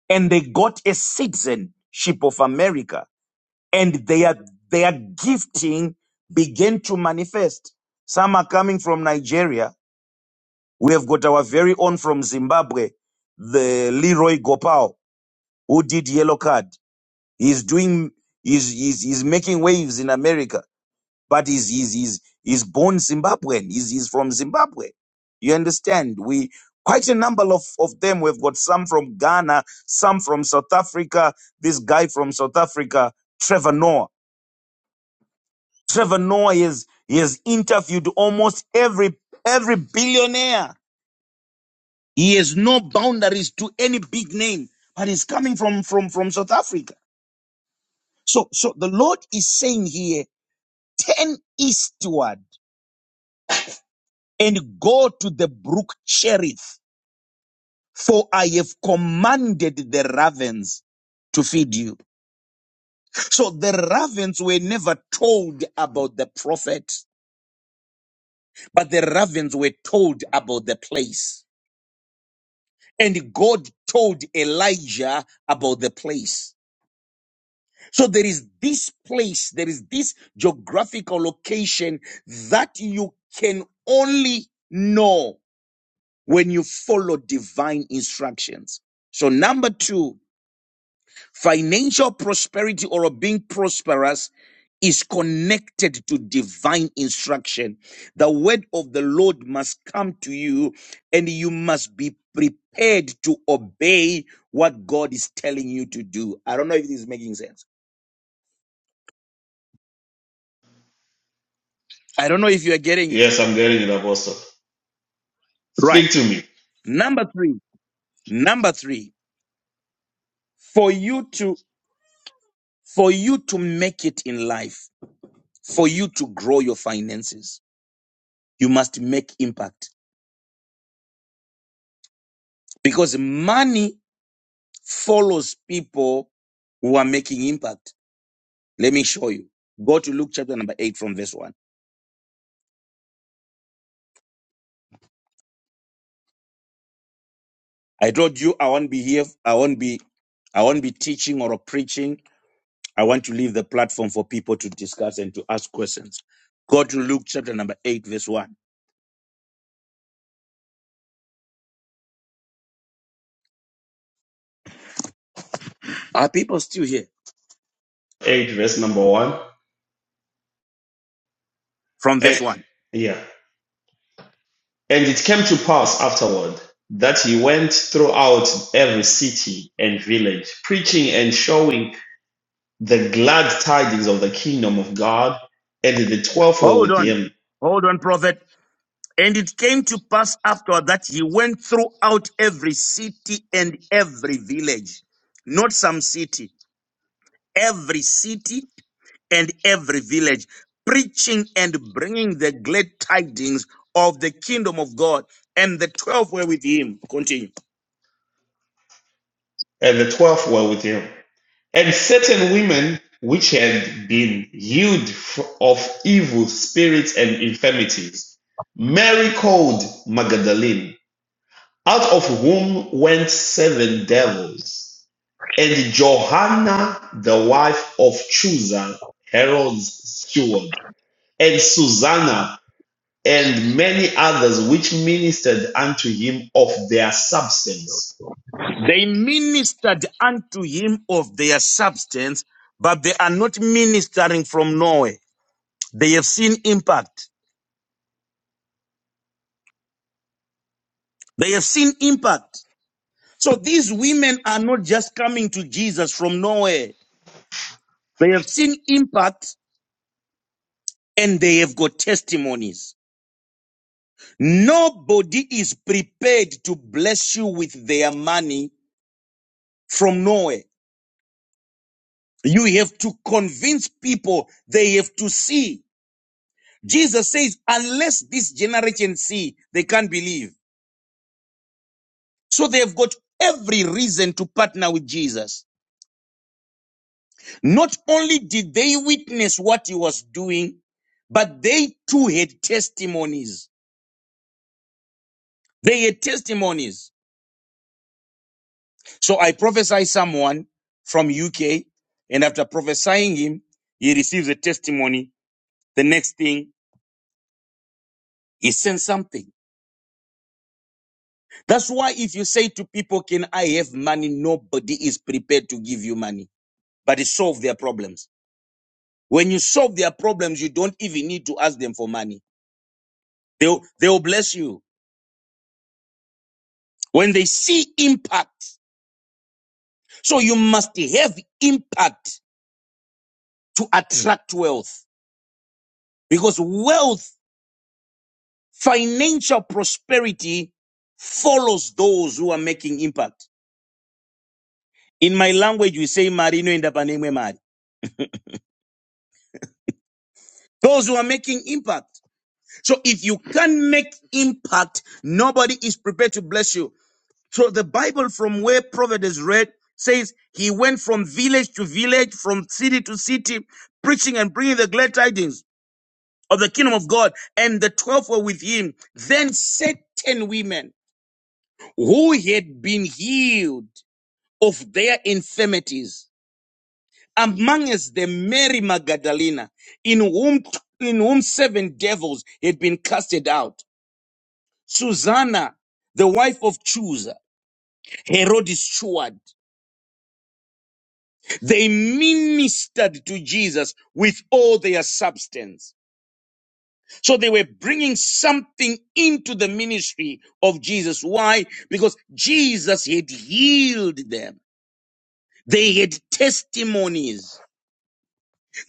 Speaker 5: and they got a citizenship of America and their, their gifting began to manifest. Some are coming from Nigeria. We have got our very own from Zimbabwe, the Leroy Gopao, who did yellow card. He's doing he's he's, he's making waves in America, but he's he's he's he's born Zimbabwean. He's he's from Zimbabwe. You understand? We quite a number of, of them. We've got some from Ghana, some from South Africa. This guy from South Africa, Trevor Noah. Trevor Noah is he has interviewed almost every every billionaire. He has no boundaries to any big name, but he's coming from from from South Africa. So so the Lord is saying here turn eastward and go to the brook Cherith, for I have commanded the ravens to feed you. So the ravens were never told about the prophet, but the ravens were told about the place. And God told Elijah about the place. So there is this place, there is this geographical location that you can only know when you follow divine instructions. So number two, financial prosperity or being prosperous is connected to divine instruction. The word of the Lord must come to you and you must be prepared to obey what God is telling you to do. I don't know if this is making sense. I don't know if you are getting it.
Speaker 1: Yes, I'm getting it, Apostle.
Speaker 5: Right.
Speaker 1: Speak to me.
Speaker 5: Number three, number three, for you to, for you to make it in life, for you to grow your finances, you must make impact because money follows people who are making impact. Let me show you. Go to Luke chapter number eight from verse one. I told you I won't be here. I won't be, I won't be teaching or preaching. I want to leave the platform for people to discuss and to ask questions. Go to Luke chapter number eight, verse one. Are people still here?
Speaker 1: 8, verse number 1.
Speaker 5: From verse
Speaker 1: And,
Speaker 5: one.
Speaker 1: yeah. And it came to pass afterward that he went throughout every city and village, preaching and showing the glad tidings of the kingdom of God. And the twelve were
Speaker 5: Hold
Speaker 1: with
Speaker 5: on.
Speaker 1: him.
Speaker 5: Hold on, prophet. And it came to pass afterward that he went throughout every city and every village, not some city, every city and every village, preaching and bringing the glad tidings of the kingdom of God. And the twelve were with him. Continue.
Speaker 1: And the twelve were with him. And certain women which had been healed of evil spirits and infirmities, Mary called Magdalene out of whom went seven devils. And Johanna, the wife of Chuza, Herod's steward, and Susanna, and many others which ministered unto him of their substance.
Speaker 5: They ministered unto him of their substance, but they are not ministering from nowhere. They have seen impact. They have seen impact. So these women are not just coming to Jesus from nowhere. They have seen impact and they have got testimonies. Nobody is prepared to bless you with their money from nowhere. You have to convince people they have to see. Jesus says, unless this generation see, they can't believe. So they have got every reason to partner with Jesus. Not only did they witness what he was doing, but they too had testimonies. They had testimonies. So I prophesy someone from UK, and after prophesying him, he receives a testimony. The next thing, he sends something. That's why if you say to people, can I have money? Nobody is prepared to give you money, but it solve their problems. When you solve their problems, you don't even need to ask them for money. They'll, they'll bless you. When they see impact, So you must have impact to attract wealth because wealth, financial prosperity follows those who are making impact. In my language, we say marino enda apaneme mari. Those who are making impact. So if you can't make impact, nobody is prepared to bless you. So the Bible from where Proverbs is read says he went from village to village, from city to city, preaching and bringing the glad tidings. of the kingdom of God, and the twelve were with him. Then certain women who had been healed of their infirmities, among us the Mary Magdalena, in whom in whom seven devils had been casted out, Susanna, the wife of Chusa, Herod's steward, they ministered to Jesus with all their substance. So they were bringing something into the ministry of Jesus. Why? Because Jesus had healed them. They had testimonies.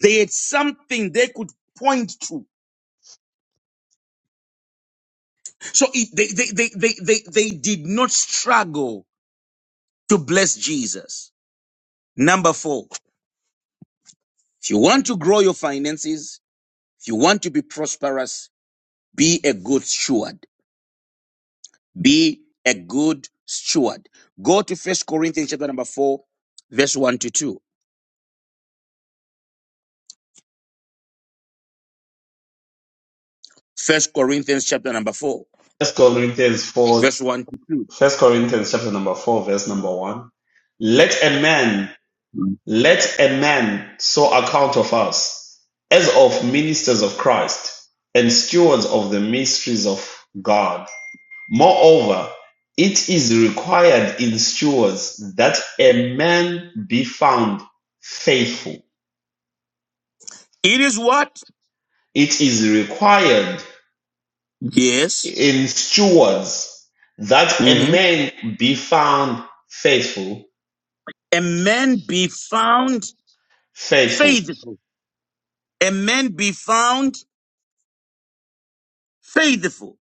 Speaker 5: They had something they could point to. So it, they, they, they, they, they, they did not struggle to bless Jesus. Number four, if you want to grow your finances, if you want to be prosperous, be a good steward. Be a good steward. Go to First Corinthians chapter number 4, verse 1 to 2. First Corinthians chapter number four,
Speaker 1: First Corinthians four,
Speaker 5: verse one to
Speaker 1: First Corinthians chapter number 4, verse number 1. Let a man,
Speaker 5: two.
Speaker 1: let a man so account of us as of ministers of Christ and stewards of the mysteries of God. Moreover, it is required in stewards that a man be found faithful.
Speaker 5: It is what?
Speaker 1: It is required
Speaker 5: Yes.
Speaker 1: in stewards that a
Speaker 5: hmm
Speaker 1: man be found faithful.
Speaker 5: A man be found
Speaker 1: Faithful.
Speaker 5: faithful. A man be found faithful.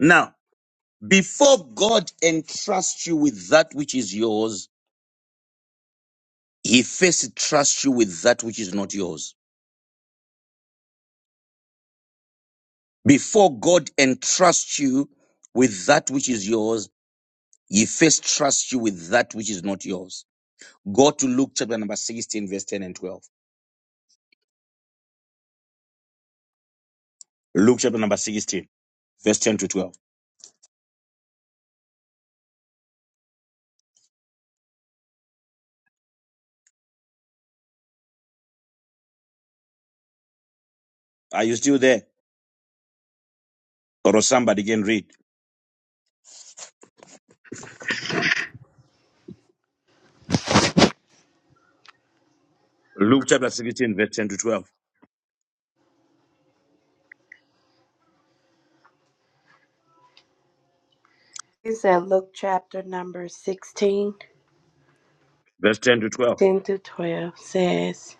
Speaker 5: Now, before God entrusts you with that which is yours, he first trusts you with that which is not yours. Before God entrusts you with that which is yours, he first trusts you with that which is not yours. Go to Luke chapter number 16, verse 10 and 12. Luke chapter number 16, verse 10 to 12. Are you still there? Or somebody can read. Luke chapter 16, verse 10 to 12.
Speaker 4: Is that Luke chapter number sixteen,
Speaker 5: Verse 10 to 12.
Speaker 4: ten 10 to 12 says,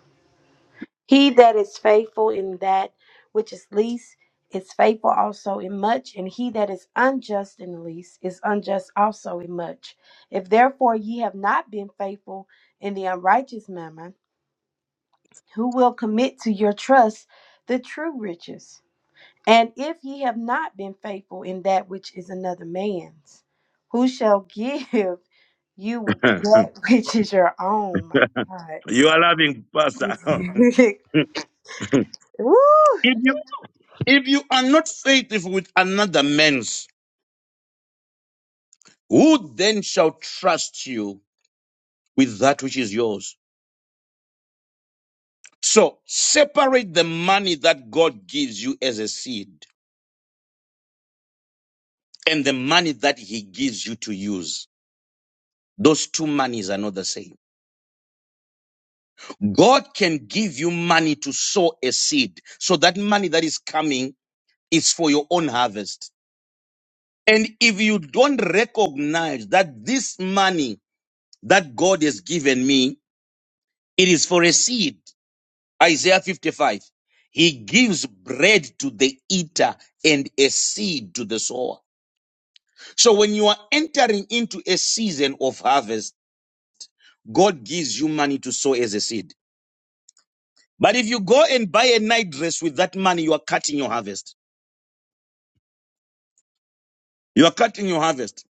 Speaker 4: He that is faithful in that which is least is faithful also in much, and he that is unjust in least is unjust also in much. If therefore ye have not been faithful in the unrighteous mammon, who will commit to your trust the true riches? And if ye have not been faithful in that which is another man's, who shall give you that which is your own? My
Speaker 5: you are loving, Pastor. if,
Speaker 4: God. Woo!
Speaker 5: you, if you are not faithful with another man's, who then shall trust you with that which is yours? So separate the money that God gives you as a seed and the money that he gives you to use. Those two monies are not the same God can give you money to sow a seed. So that money that is coming is for your own harvest. And if you don't recognize that this money that God has given me, it is for a seed. Isaiah 55. He gives bread to the eater and a seed to the sower. So when you are entering into a season of harvest, God gives you money to sow as a seed. But if you go and buy a night dress with that money, you are cutting your harvest. You are cutting your harvest.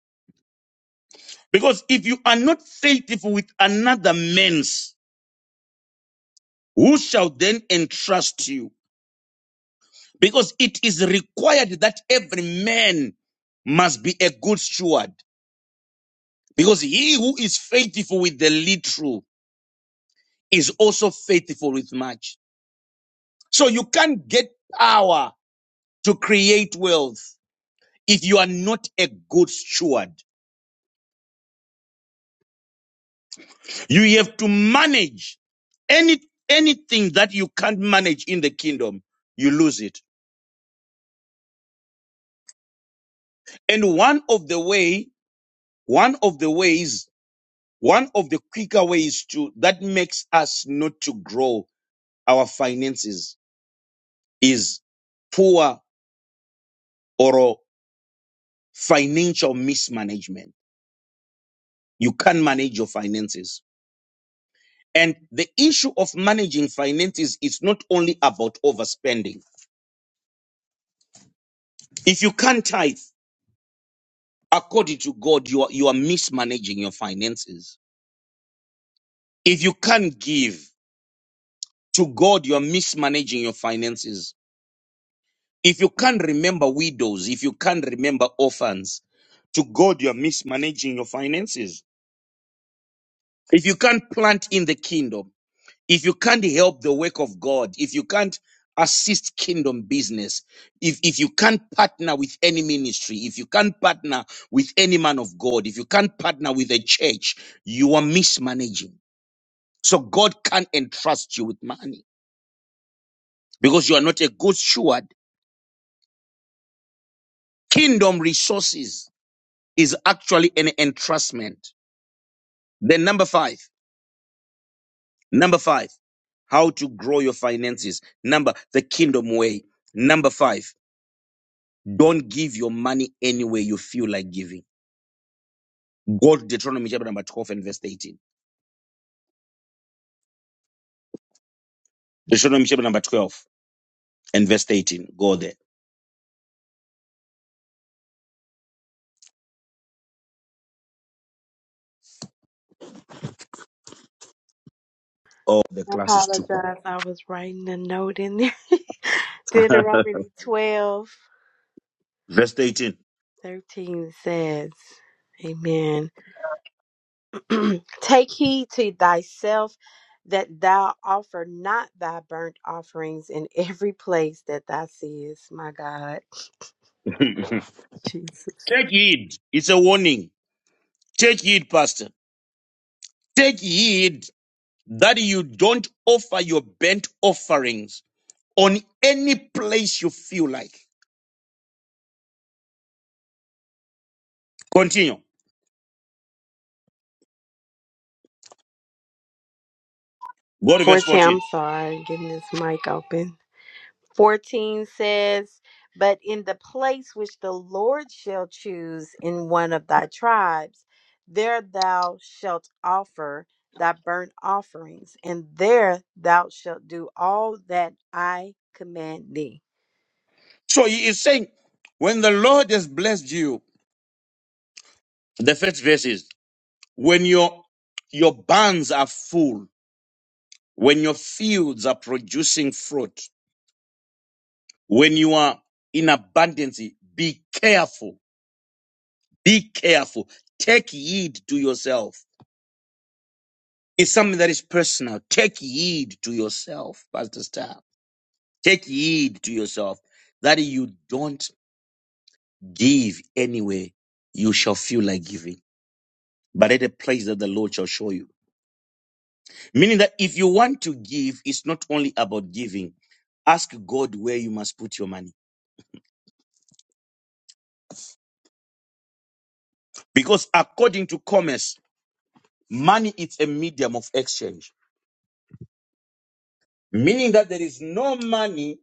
Speaker 5: Because if you are not faithful with another man's, who shall then entrust you? Because it is required that every man must be a good steward. Because he who is faithful with the little is also faithful with much. So you can't get power to create wealth if you are not a good steward. You have to manage any anything that you can't manage in the kingdom, you lose it. And one of the way, one of the ways, one of the quicker ways to that makes us not to grow our finances is poor or financial mismanagement. You can't manage your finances. And the issue of managing finances is not only about overspending. If you can't tithe, according to God, you are, you are mismanaging your finances. If you can't give to God, you are mismanaging your finances. If you can't remember widows, if you can't remember orphans, to God, you are mismanaging your finances. If you can't plant in the kingdom, if you can't help the work of God, if you can't assist kingdom business, if, if you can't partner with any ministry, if you can't partner with any man of God, if you can't partner with a church, you are mismanaging. So God can't entrust you with money because you are not a good steward. Kingdom resources is actually an entrustment. Then number five, number five, how to grow your finances. Number, the kingdom way. Number five, don't give your money any way you feel like giving. Go to Deuteronomy chapter number 12 and verse 18. Deuteronomy chapter number 12 and verse 18. Go there. Oh, the
Speaker 4: I
Speaker 5: class is too
Speaker 4: apologize.
Speaker 5: quiet.
Speaker 4: I was writing a note in there. Deuteronomy 12,
Speaker 5: verse 18.
Speaker 4: 13 says, Amen. Take heed to thyself that thou offer not thy burnt offerings in every place that thou seest. My God. Jesus.
Speaker 5: Take heed. It's a warning. Take heed, pastor. Take heed that you don't offer your burnt offerings on any place you feel like. Continue. Go to verse
Speaker 4: 14, I'm
Speaker 5: 14.
Speaker 4: sorry. Getting this mic open. 14 says, But in the place which the Lord shall choose in one of thy tribes, there thou shalt offer thy burnt offerings, and there thou shalt do all that I command thee.
Speaker 5: So he is saying, when the Lord has blessed you, the first verse is, when your, your barns are full, when your fields are producing fruit, when you are in abundance, be careful, be careful. Take heed to yourself It's something that is personal. Take heed to yourself, Pastor Star. Take heed to yourself that you don't give anyway. You shall feel like giving, but at a place that the Lord shall show you. Meaning that if you want to give, it's not only about giving. Ask God where you must put your money. Because according to commerce, money is a medium of exchange. Meaning that there is no money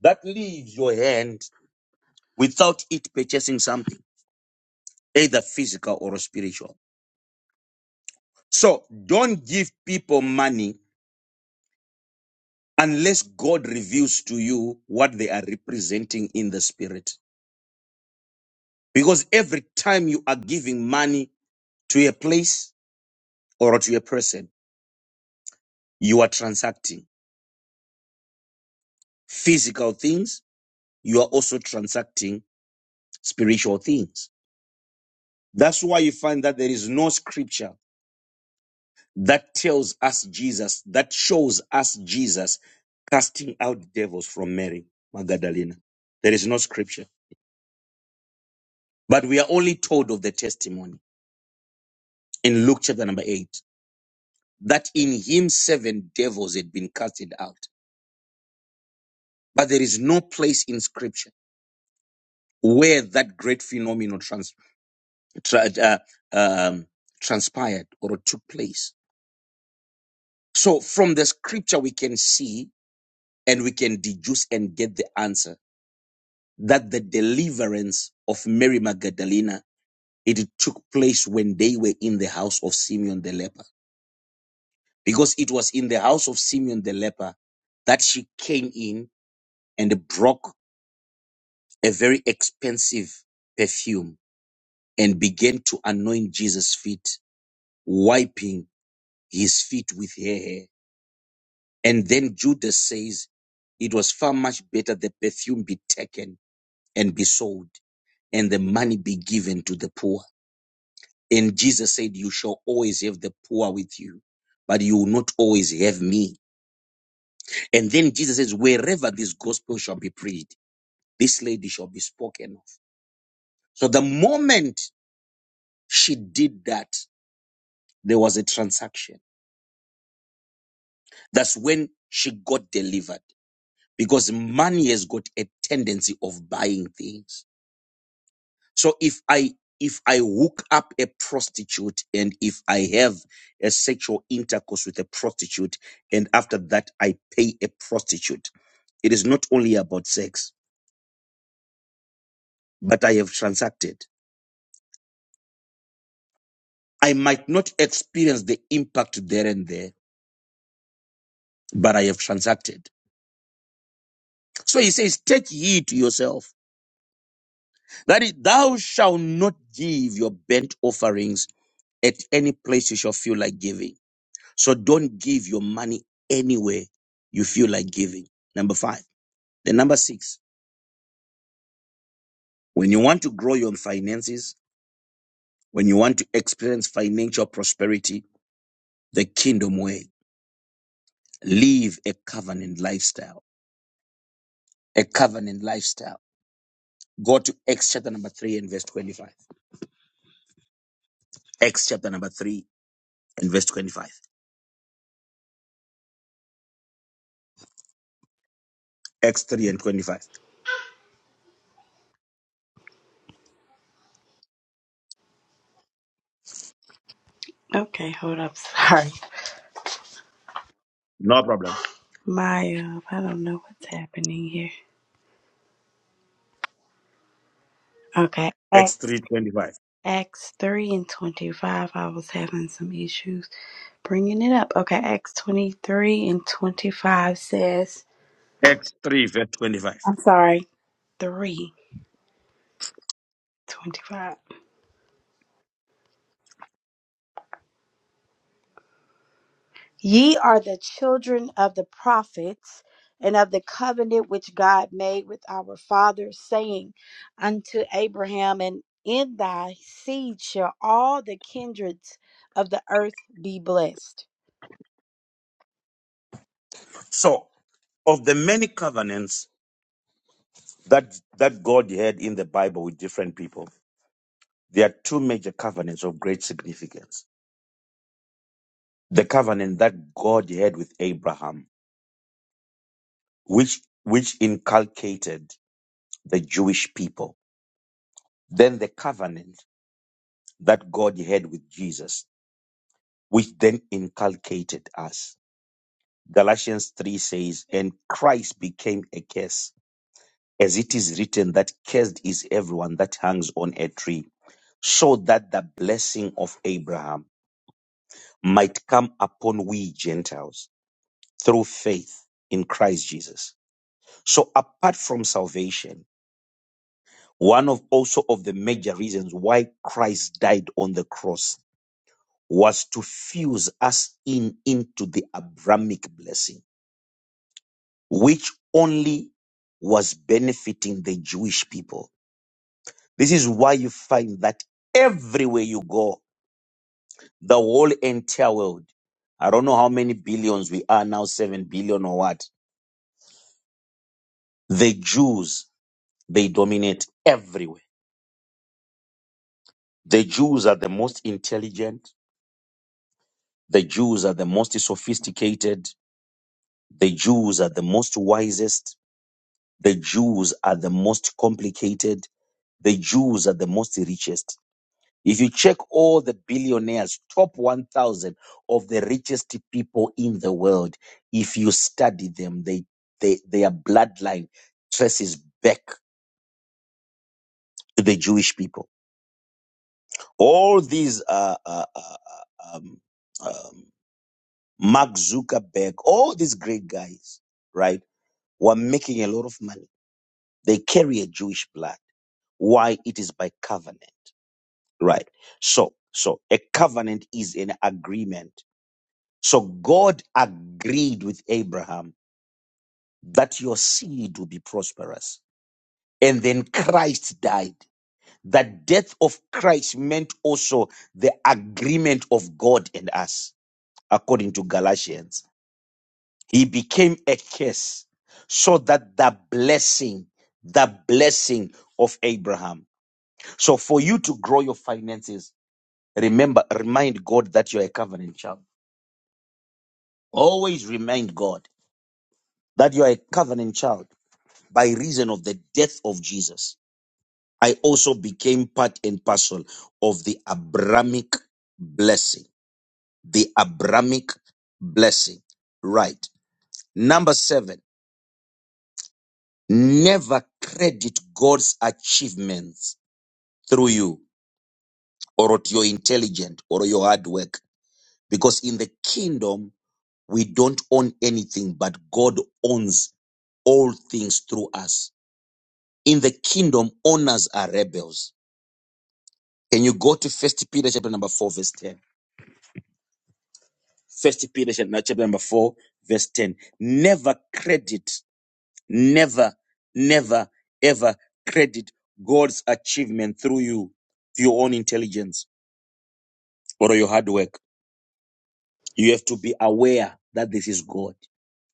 Speaker 5: that leaves your hand without it purchasing something, either physical or spiritual. So don't give people money unless God reveals to you what they are representing in the spirit. Because every time you are giving money to a place or to a person, you are transacting physical things. You are also transacting spiritual things. That's why you find that there is no scripture that tells us Jesus, that shows us Jesus casting out devils from Mary Magdalena. There is no scripture. But we are only told of the testimony in Luke chapter number 8 that in him seven devils had been casted out. But there is no place in scripture where that great phenomenon trans, tra, uh, um, transpired or took place. So from the scripture, we can see and we can deduce and get the answer that the deliverance of Mary Magdalena, it took place when they were in the house of Simeon the leper. because it was in the house of Simeon the leper that she came in and broke a very expensive perfume and began to anoint Jesus' feet, wiping his feet with her hair. And then Judas says, It was far much better the perfume be taken and be sold, and the money be given to the poor. And Jesus said, You shall always have the poor with you, but you will not always have me. And then Jesus says, Wherever this gospel shall be preached, This lady shall be spoken of. So the moment she did that, there was a transaction. That's when she got delivered because money has got a tendency of buying things. So if I if I hook up a prostitute and if I have a sexual intercourse with a prostitute and after that I pay a prostitute, it is not only about sex, but I have transacted. I might not experience the impact there and there but I have transacted. So he says, Take heed to yourself that it, thou shalt not give your burnt offerings at any place you shall feel like giving. So don't give your money anywhere you feel like giving. Number five. Then number six, when you want to grow your finances, when you want to experience financial prosperity, the kingdom way, live a covenant lifestyle. A covenant lifestyle. Go to Acts chapter number three and verse 25. Acts chapter number three and verse 25. X3 and 25.
Speaker 4: Okay, hold up. Sorry.
Speaker 5: No problem.
Speaker 4: My, uh, I don't know what's happening here. Okay.
Speaker 5: x three
Speaker 4: Acts,
Speaker 5: twenty five.
Speaker 4: Acts 3 and 25. I was having some issues bringing it up. Okay. Acts 23 and 25 says.
Speaker 5: X3, verse 25.
Speaker 4: I'm sorry, 3 25. Ye are the children of the prophets and of the covenant which God made with our fathers, saying unto Abraham, And in thy seed shall all the kindreds of the earth be blessed.
Speaker 5: So, of the many covenants that, that God had in the Bible with different people, there are two major covenants of great significance. The covenant that God had with Abraham, which, which inculcated the Jewish people. Then the covenant that God had with Jesus, which then inculcated us. Galatians 3 says, and Christ became a curse as it is written that cursed is everyone that hangs on a tree, so that the blessing of Abraham might come upon we Gentiles through faith in Christ Jesus. So apart from salvation, one of also of the major reasons why Christ died on the cross was to fuse us in into the Abrahamic blessing, which only was benefiting the Jewish people This is why you find that everywhere you go, the whole entire world, I don't know how many billions we are now, seven billion or what, the Jews, they dominate everywhere. The Jews are the most intelligent. The Jews are the most sophisticated. The Jews are the most wisest. The Jews are the most complicated. The Jews are the most richest. If you check all the billionaires, top 1,000 of the richest people in the world, if you study them, they, they, their bloodline traces back to the Jewish people. All these, uh, uh, uh, uh, um, um, Mark Zuckerberg, all these great guys, right, were making a lot of money. They carry a Jewish blood. Why? It is by covenant, right? So, so a covenant is an agreement So God agreed with Abraham that your seed will be prosperous. And then Christ died. The death of Christ meant also the agreement of God and us, according to Galatians. He became a curse so that the blessing, the blessing of Abraham. So for you to grow your finances, remember, remind God that you're a covenant child. Always remind God that you're a covenant child by reason of the death of Jesus, I also became part and parcel of the Abrahamic blessing. The Abrahamic blessing. Right. Number seven, never credit God's achievements through you or at your intelligence or your hard work. Because in the kingdom, we don't own anything, but God owns all things through us. In the kingdom, owners are rebels Can you go to First Peter chapter number four, verse ten? First Peter chapter chapter number four, verse ten. Never credit, never, never, ever credit God's achievement through you, through your own intelligence or your hard work. You have to be aware that this is God.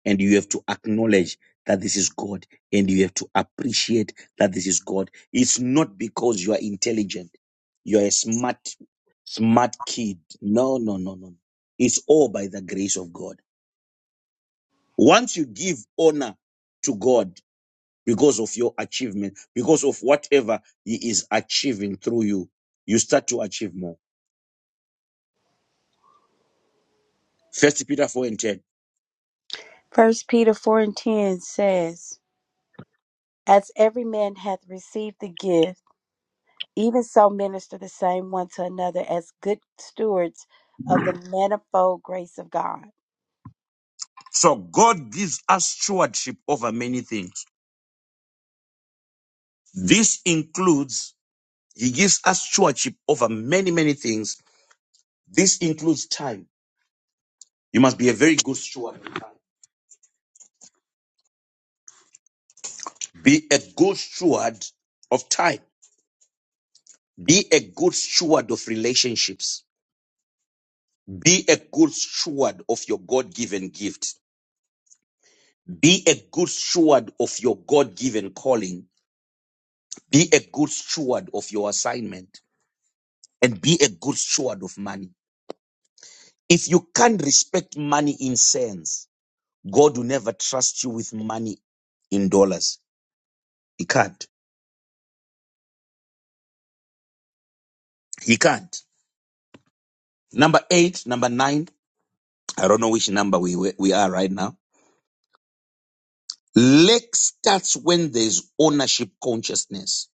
Speaker 5: and you have to acknowledge that this is God and you have to appreciate that this is God. It's not because you are intelligent. You are a smart, smart kid. No, no, no, no. no. It's all by the grace of God. Once you give honor to God because of your achievement, because of whatever he is achieving through you, you start to achieve more. First Peter 4 and 10.
Speaker 4: First Peter 4 and 10 says, As every man hath received the gift, even so minister the same one to another as good stewards of the manifold grace of God.
Speaker 5: So God gives us stewardship over many things. This includes He gives us stewardship over many, many things. This includes time. You must be a very good steward. of time. Be a good steward of time. Be a good steward of relationships. Be a good steward of your God given gift. Be a good steward of your God given calling. Be a good steward of your assignment and be a good steward of money. If you can't respect money in cents, God will never trust you with money in dollars. He can't. He can't. Number eight, number nine. I don't know which number we we we are right now. Lack starts when there's ownership consciousness.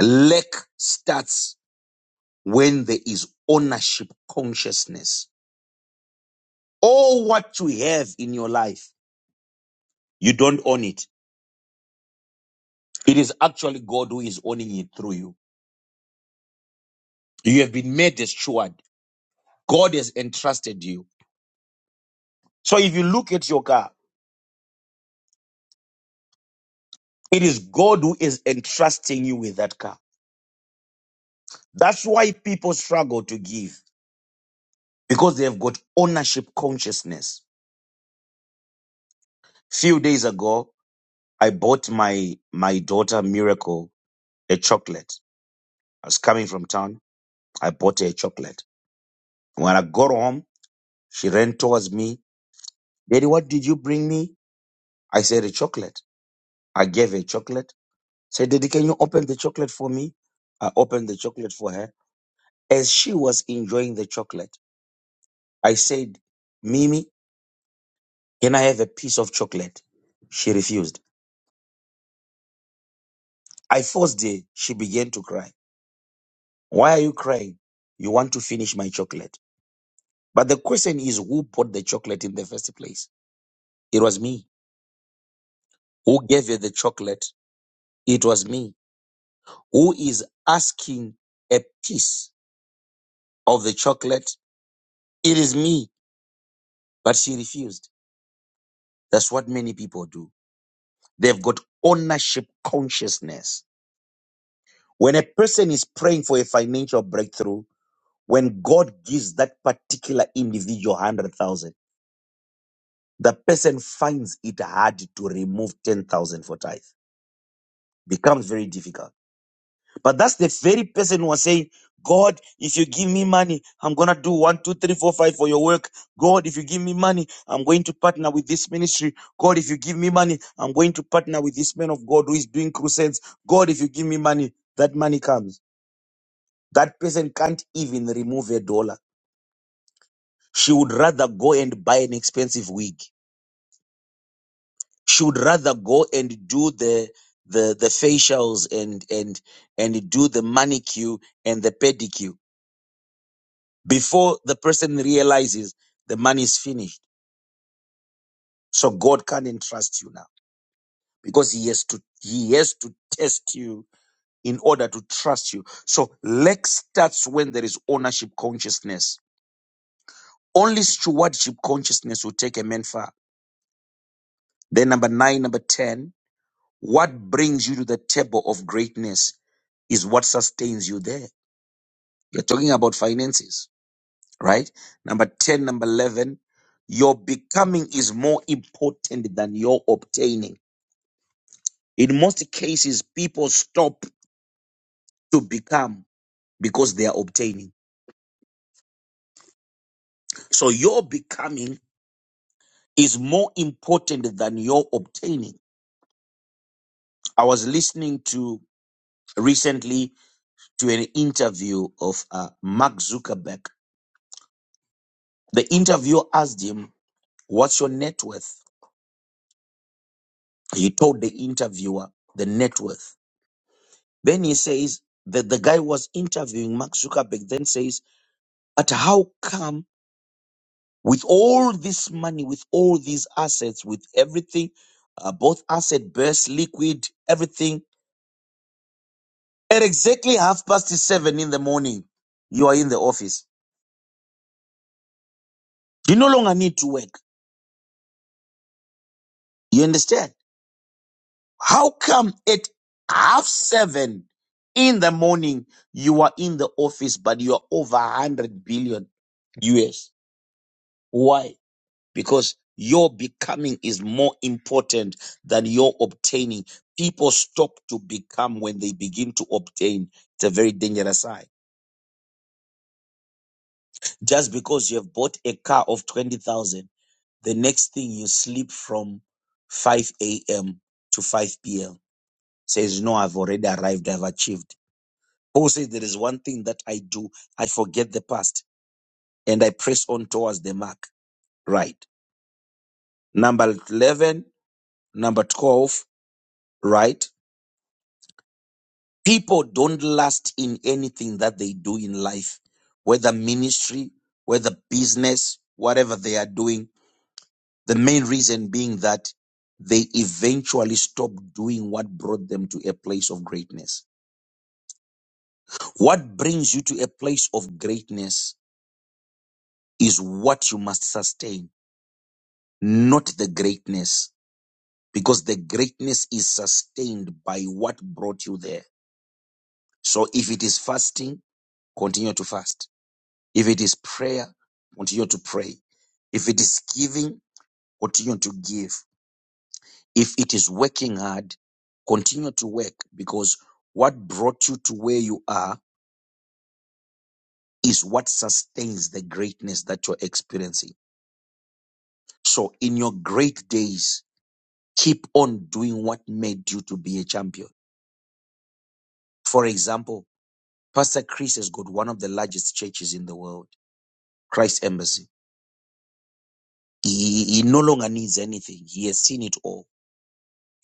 Speaker 5: Lack starts when there is ownership consciousness. All what you have in your life, you don't own it. It is actually God who is owning it through you. You have been made a steward. God has entrusted you. So if you look at your car, it is God who is entrusting you with that car. That's why people struggle to give. because they have got ownership consciousness. Few days ago, I bought my my daughter Miracle a chocolate. I was coming from town. I bought her a chocolate. When I got home, she ran towards me. Daddy, what did you bring me? I said a chocolate. I gave her a chocolate. Said, Daddy, can you open the chocolate for me? I opened the chocolate for her. As she was enjoying the chocolate, I said, Mimi, can I have a piece of chocolate? She refused. I forced her. She began to cry. Why are you crying? You want to finish my chocolate. But the question is, who bought the chocolate in the first place? It was me. Who gave you the chocolate? It was me. Who is asking a piece of the chocolate? It is me. But she refused. That's what many people do. They've got ownership consciousness. When a person is praying for a financial breakthrough, when God gives that particular individual 100,000, the person finds it hard to remove 10,000 for tithe. Becomes very difficult. But that's the very person who was saying, God, if you give me money, I'm going to do one, two, three, four, five for your work. God, if you give me money, I'm going to partner with this ministry. God, if you give me money, I'm going to partner with this man of God who is doing crusades. God, if you give me money, that money comes. That person can't even remove a dollar. She would rather go and buy an expensive wig should rather go and do the the the facials and and and do the manicure and the pedicure before the person realizes the money is finished so god can entrust you now because he has to he has to test you in order to trust you so lack starts when there is ownership consciousness only stewardship consciousness will take a man far then number 9 number 10 what brings you to the table of greatness is what sustains you there You're talking about finances, right? Number 10, number 11, your becoming is more important than your obtaining. In most cases, people stop to become because they are obtaining. So your becoming is more important than your obtaining. I was listening to recently to an interview of uh, Mark Zuckerberg. The interviewer asked him, what's your net worth? He told the interviewer the net worth. Then he says that the guy who was interviewing Mark Zuckerberg, then says, But how come with all this money, with all these assets, with everything, uh, both asset based, liquid, everything, at exactly half past seven in the morning, you are in the office? You no longer need to work. You understand? How come at half seven in the morning, you are in the office, but you are over 100 billion US? Why? because your becoming is more important than your obtaining. People stop to become when they begin to obtain. It's a very dangerous sign. Just because you have bought a car of 20,000, the next thing you sleep from 5 a.m. to 5 p.m. says, No, I've already arrived, I've achieved. Paul says, There is one thing that I do, I forget the past and I press on towards the mark. Right. Number 11, number 12, right? People don't last in anything that they do in life, whether ministry, whether business, whatever they are doing. The main reason being that they eventually stop doing what brought them to a place of greatness. What brings you to a place of greatness is what you must sustain, not the greatness, because the greatness is sustained by what brought you there. So if it is fasting, continue to fast. If it is prayer, continue to pray. If it is giving, continue to give. If it is working hard, continue to work because what brought you to where you are is what sustains the greatness that you're experiencing. So in your great days, keep on doing what made you to be a champion. For example, Pastor Chris has got one of the largest churches in the world, Christ Embassy. He, he no longer needs anything. He has seen it all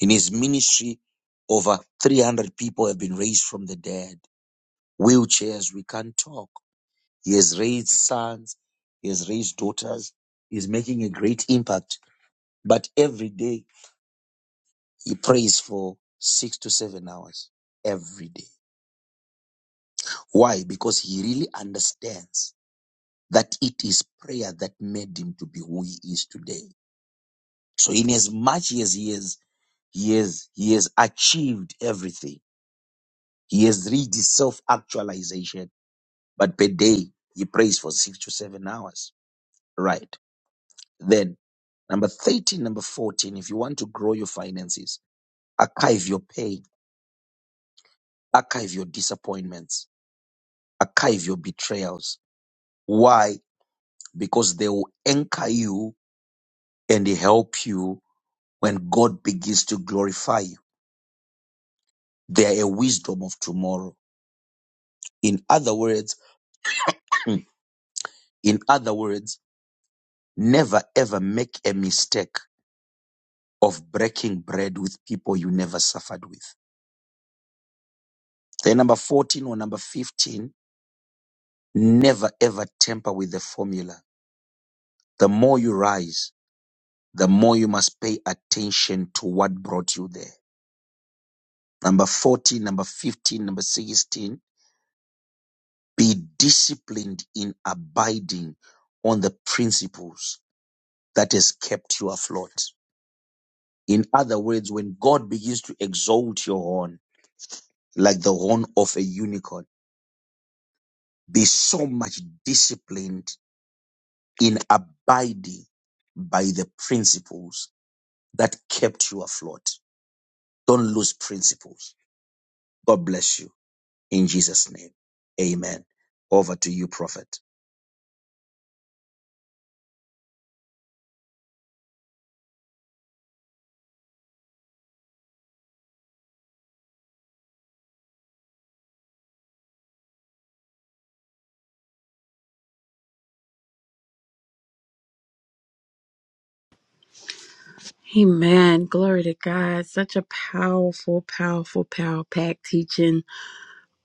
Speaker 5: In his ministry, over 300 people have been raised from the dead. Wheelchairs, we can't talk. He has raised sons, he has raised daughters. He's making a great impact. But every day, he prays for six to seven hours every day. Why? Because he really understands that it is prayer that made him to be who he is today. So, in as much as he has, he has, he has achieved everything, he has reached self actualization But per day, he prays for six to seven hours. Right. Then, number 13, number 14, if you want to grow your finances, archive your pain, archive your disappointments, archive your betrayals. Why? Because they will anchor you and help you when God begins to glorify you. They are a wisdom of tomorrow. In other words, in other words, never ever make a mistake of breaking bread with people you never suffered with. Then number 14 or number 15, never ever tamper with the formula. The more you rise, the more you must pay attention to what brought you there. Number 14, number 15, number 16, be disciplined in abiding on the principles that has kept you afloat. In other words, when God begins to exalt your horn, like the horn of a unicorn, be so much disciplined in abiding by the principles that kept you afloat. Don't lose principles. God bless you in Jesus' name. Amen. Over to you, prophet.
Speaker 4: Amen. Glory to God. Such a powerful, powerful, power packed teaching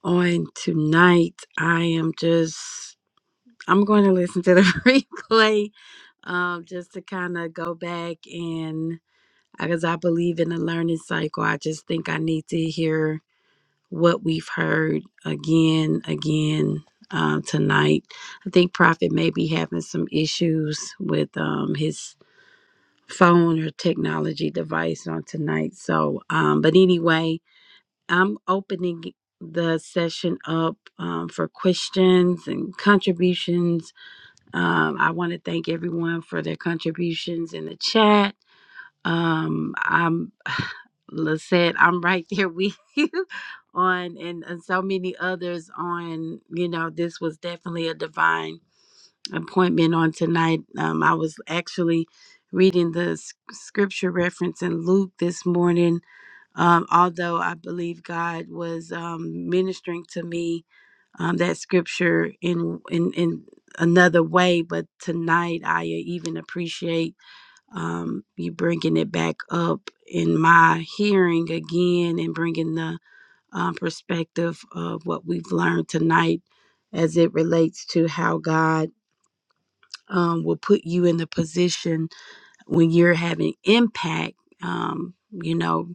Speaker 4: on tonight. I am just, I'm going to listen to the replay um, just to kind of go back and, because I believe in a learning cycle, I just think I need to hear what we've heard again, again um, tonight. I think Prophet may be having some issues with um, his phone or technology device on tonight. So, um, but anyway, I'm opening the session up um, for questions and contributions. Um, I want to thank everyone for their contributions in the chat. Um, I'm Lisette, I'm right there with you on and, and so many others on, you know, this was definitely a divine appointment on tonight. Um, I was actually reading the s- scripture reference in Luke this morning, um, although I believe God was um, ministering to me um, that scripture in, in, in another way. But tonight, I even appreciate um, you bringing it back up in my hearing again and bringing the um, perspective of what we've learned tonight as it relates to how God um, will put you in the position when you're having impact. Um, you know,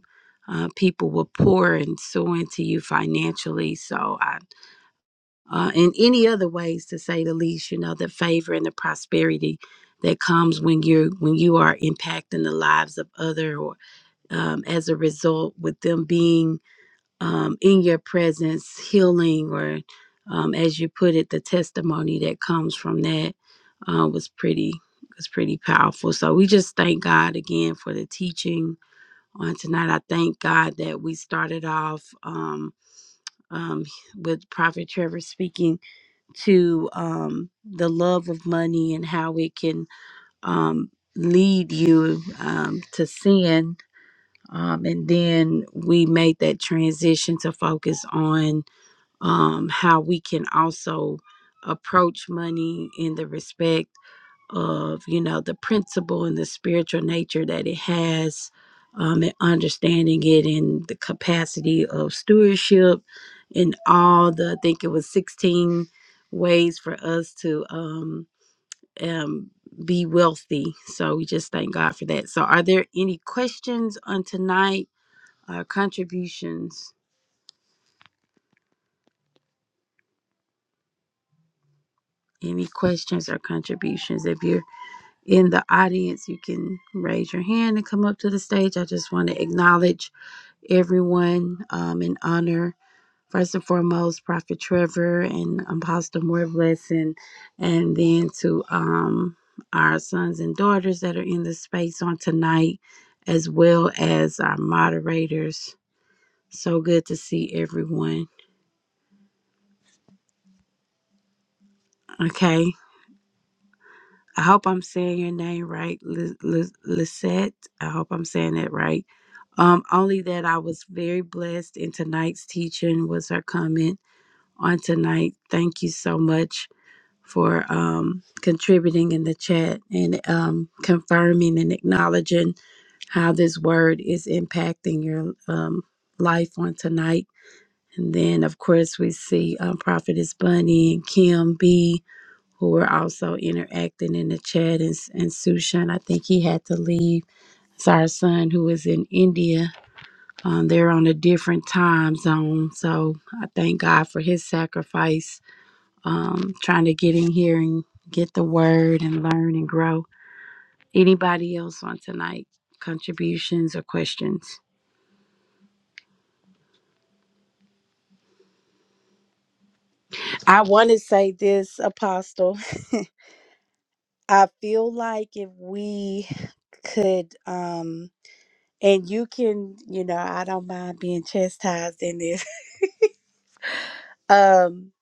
Speaker 4: uh, people will pour and sow into you financially. So, I, uh, in any other ways, to say the least, you know, the favor and the prosperity that comes when you're when you are impacting the lives of other, or um, as a result, with them being um, in your presence, healing, or um, as you put it, the testimony that comes from that uh, was pretty was pretty powerful. So we just thank God again for the teaching on tonight. I thank God that we started off um, um, with Prophet Trevor speaking to um, the love of money and how it can um, lead you um, to sin. Um, and then we made that transition to focus on um, how we can also approach money in the respect of you know the principle and the spiritual nature that it has um, and understanding it in the capacity of stewardship and all the i think it was 16 ways for us to um, um, be wealthy so we just thank god for that so are there any questions on tonight uh, contributions any questions or contributions if you're in the audience, you can raise your hand and come up to the stage. I just want to acknowledge everyone um, and honor, first and foremost, Prophet Trevor and Apostle More Blessing, and then to um, our sons and daughters that are in the space on tonight, as well as our moderators. So good to see everyone. Okay. I hope I'm saying your name right, Lis- Lis- Lisette. I hope I'm saying that right. Um, only that I was very blessed in tonight's teaching was her comment on tonight. Thank you so much for um, contributing in the chat and um, confirming and acknowledging how this word is impacting your um, life on tonight. And then, of course, we see um, Prophetess Bunny and Kim B who were also interacting in the chat. And, and Sushan, I think he had to leave. It's our son who is in India. Um, they're on a different time zone. So I thank God for his sacrifice, um, trying to get in here and get the word and learn and grow. Anybody else on tonight? Contributions or questions? I want to say this, Apostle. I feel like if we could. um. and you can you know i don't mind being chastised in this um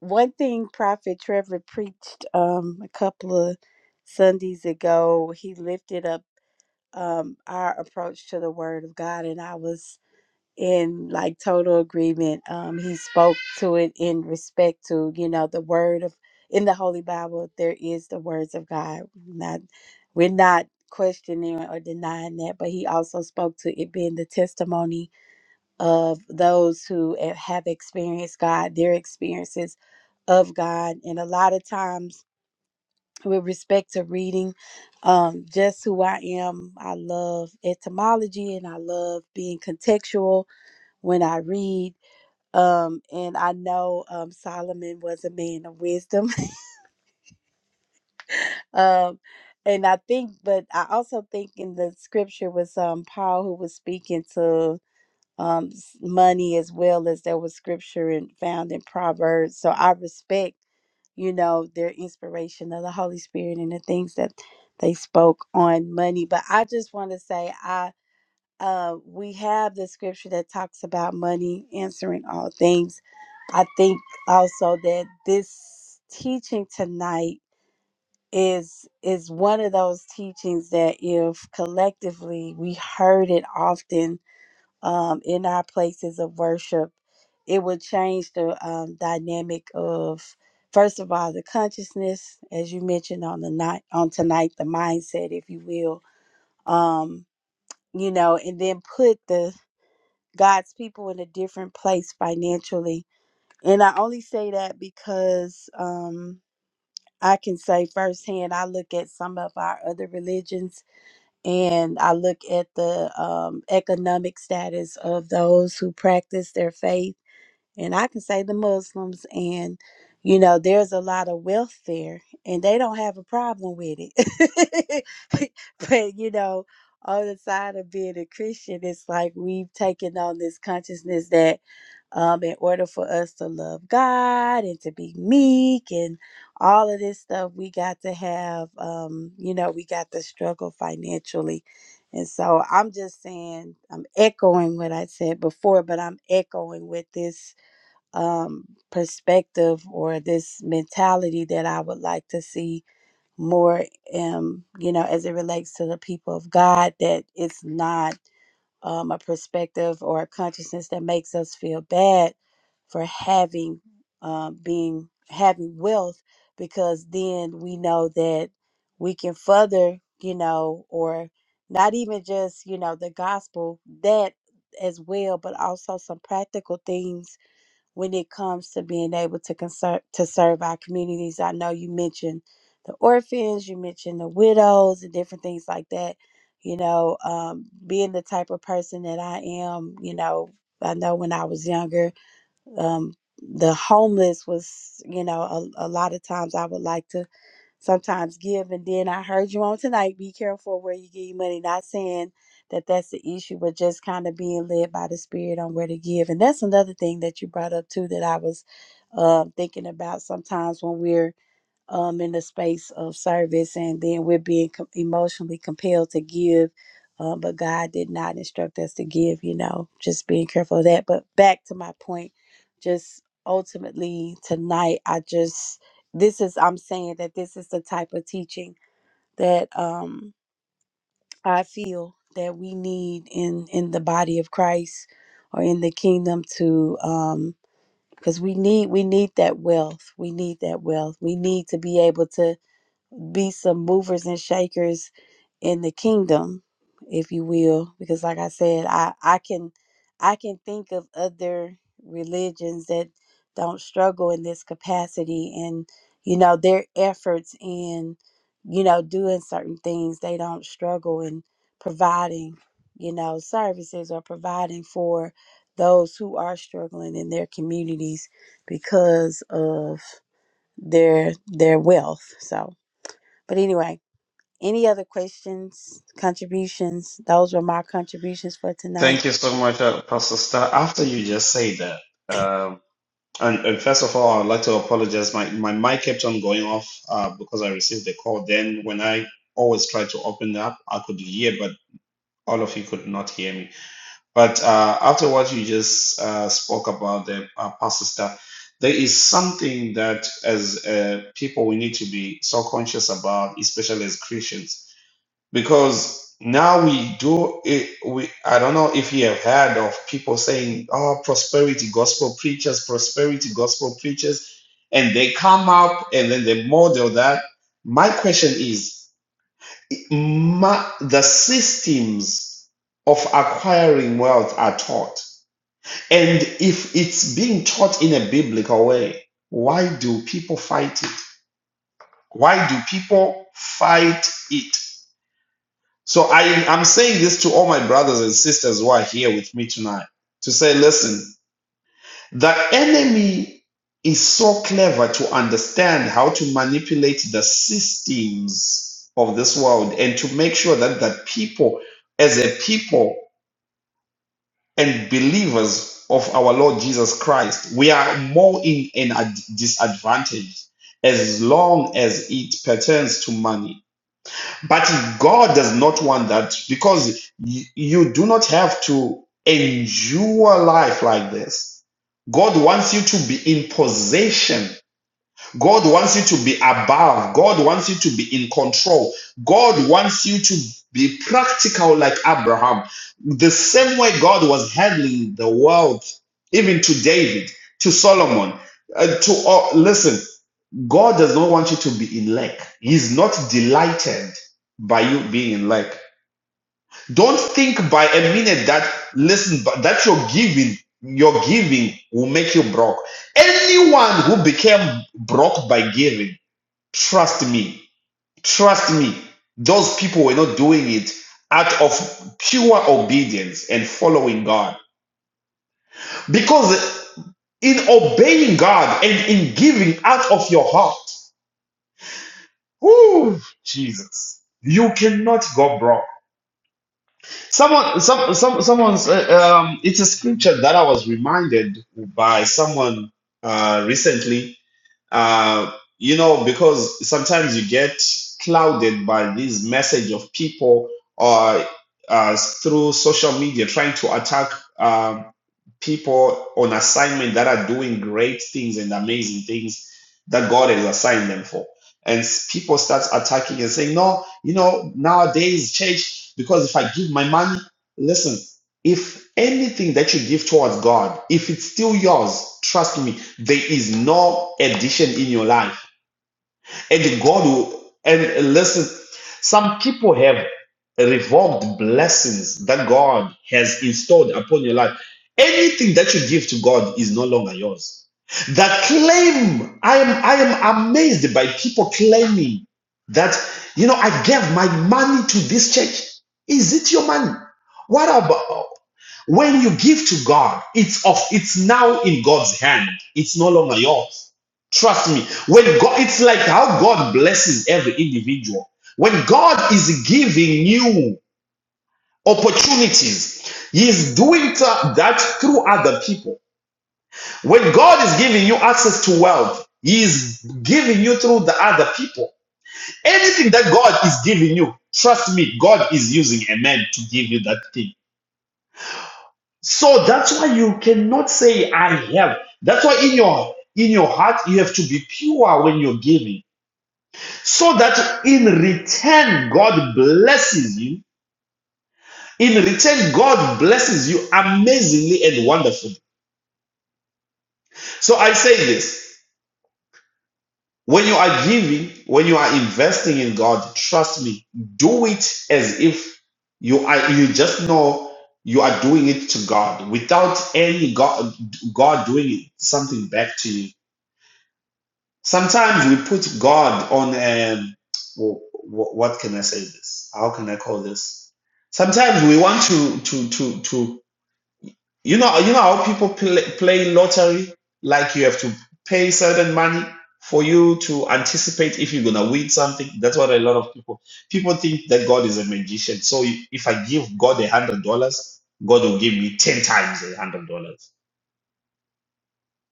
Speaker 4: one thing prophet trevor preached um a couple of sundays ago he lifted up um our approach to the word of god and i was in like total agreement um he spoke to it in respect to you know the word of in the holy bible there is the words of god not we're not questioning or denying that but he also spoke to it being the testimony of those who have experienced God, their experiences of God. And a lot of times, with respect to reading, um, just who I am, I love etymology and I love being contextual when I read. Um, and I know um, Solomon was a man of wisdom. um, and I think, but I also think in the scripture was um, Paul who was speaking to um, s- money as well as there was scripture and found in Proverbs. So I respect, you know, their inspiration of the Holy Spirit and the things that they spoke on money. But I just want to say, I uh, we have the scripture that talks about money answering all things. I think also that this teaching tonight is is one of those teachings that if collectively we heard it often um, in our places of worship, it would change the um, dynamic of first of all the consciousness, as you mentioned on the night on tonight, the mindset, if you will, um, you know, and then put the God's people in a different place financially. And I only say that because um, I can say firsthand, I look at some of our other religions and I look at the um, economic status of those who practice their faith and I can say the Muslims, and you know, there's a lot of wealth there, and they don't have a problem with it. but you know, on the side of being a Christian, it's like we've taken on this consciousness that, um, in order for us to love God and to be meek and all of this stuff, we got to have, um, you know, we got to struggle financially. And so I'm just saying, I'm echoing what I said before, but I'm echoing with this um, perspective or this mentality that I would like to see more, um, you know, as it relates to the people of God, that it's not um, a perspective or a consciousness that makes us feel bad for having, uh, being, having wealth, because then we know that we can further, you know, or not even just, you know, the gospel, that as well, but also some practical things when it comes to being able to conser- to serve our communities. I know you mentioned the orphans, you mentioned the widows, and different things like that. You know, um, being the type of person that I am, you know, I know when I was younger, um, the homeless was, you know, a, a lot of times I would like to sometimes give. And then I heard you on tonight be careful where you give your money. Not saying that that's the issue, but just kind of being led by the Spirit on where to give. And that's another thing that you brought up too that I was um thinking about sometimes when we're um, in the space of service, and then we're being com- emotionally compelled to give. Um, but God did not instruct us to give, you know, just being careful of that. But back to my point, just ultimately tonight, I just, this is, I'm saying that this is the type of teaching that um, I feel that we need in, in the body of Christ or in the kingdom to, um, because we need we need that wealth. We need that wealth. We need to be able to be some movers and shakers in the kingdom, if you will, because like I said, I I can I can think of other religions that don't struggle in this capacity and you know their efforts in you know doing certain things they don't struggle in providing you know services or providing for those who are struggling in their communities because of their their wealth so but anyway, any other questions, contributions? Those were my contributions for tonight.
Speaker 1: Thank you so much, uh, Pastor Star. After you just say that, um, and, and first of all, I'd like to apologize. My, my mic kept on going off uh, because I received the call. Then, when I always try to open up, I could hear, but all of you could not hear me. But uh, after what you just uh, spoke about, the uh, pastor stuff, there is something that as uh, people we need to be so conscious about, especially as Christians, because now we do it. We I don't know if you have heard of people saying, "Oh, prosperity gospel preachers, prosperity gospel preachers," and they come up and then they model that. My question is. Ma- the systems of acquiring wealth are taught. And if it's being taught in a biblical way, why do people fight it? Why do people fight it? So I, I'm saying this to all my brothers and sisters who are here with me tonight to say, listen, The enemy is so clever to understand how to manipulate the systems of this world and to make sure that the people, as a people and believers of our Lord Jesus Christ, we are more in an ad- disadvantage as long as it pertains to money. But God does not want that because y- you do not have to endure life like this. God wants you to be in possession God wants you to be above. God wants you to be in control. God wants you to be practical like Abraham. The same way God was handling the world, even to David, to Solomon, uh, to all. listen, God does not want you to be in lack. He's not delighted by you being in lack. Don't think by a minute that listen but that your giving, your giving will make you broke. Anyone who became broke by giving, trust me, trust me, those people were not doing it out of pure obedience and following God. Because in obeying God and in giving out of your heart, whew, Jesus, you cannot go broke. Someone, some, some, someone's. Uh, um, it's a scripture that I was reminded by someone uh, recently uh, you know, because sometimes you get clouded by this message of people or uh, through social media trying to attack um, people on assignment that are doing great things and amazing things that God has assigned them for. And s- people start attacking and saying, no, you know, nowadays, church, because if I give my money, listen. If anything that you give towards God, if it's still yours, trust me, there is no addition in your life. And God will, and listen, some people have revoked blessings that God has installed upon your life. Anything that you give to God is no longer yours. The claim, I am, I am amazed by people claiming that, you know, I gave my money to this church. Is it your money? What about? When you give to God, it's of it's now in God's hand. It's no longer yours. Trust me. When God, it's like how God blesses every individual. When God is giving you opportunities, He is doing that through other people. When God is giving you access to wealth, He is giving you through the other people. Anything that God is giving you, trust me, God is using a man to give you that thing. So that's why you cannot say I have. That's why in your in your heart you have to be pure when you're giving. So that in return God blesses you. In return God blesses you amazingly and wonderfully. So I say this, when you are giving, when you are investing in God, trust me, do it as if you are you just know you are doing it to God without any God God doing something back to you Sometimes we put God on um what can I say this? How can I call this? Sometimes we want to to to to you know you know how people play, play lottery like you have to pay certain money for you to anticipate if you're gonna win something. That's what a lot of people people think that God is a magician. So if I give God a hundred dollars, God will give me ten times a hundred dollars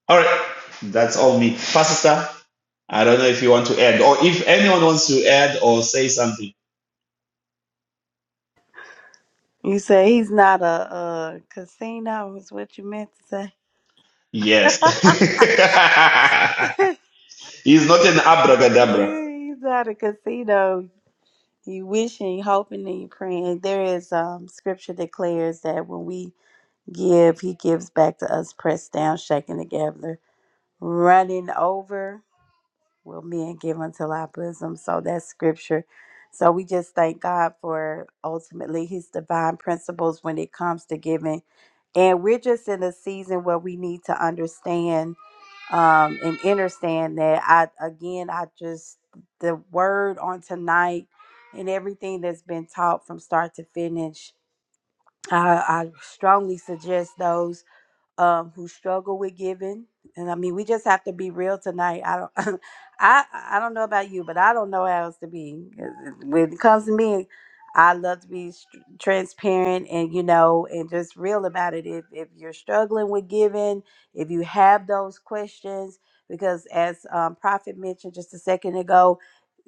Speaker 1: all right, that's all me. Pastor, I don't know if you want to add, or if anyone wants to add or say something.
Speaker 4: You say he's not a, uh casino, is what you meant to say.
Speaker 1: Yes. He's not an abracadabra.
Speaker 4: he's not a casino. You wishing, hoping, and you praying. There is um scripture declares that when we give, he gives back to us, pressed down, shaken together, running over. will men give unto our bosom. So that's scripture. So we just thank God for ultimately his divine principles when it comes to giving. And we're just in a season where we need to understand um, and understand that I, again, I just, the word on tonight and everything that's been taught from start to finish, I, I strongly suggest those um, who struggle with giving. And I mean, we just have to be real tonight. I don't, I, I don't know about you, but I don't know how else to be. uh, When it comes to me, I love to be str- transparent and you know, and just real about it. If if you're struggling with giving, if you have those questions, because as um, Prophet mentioned just a second ago,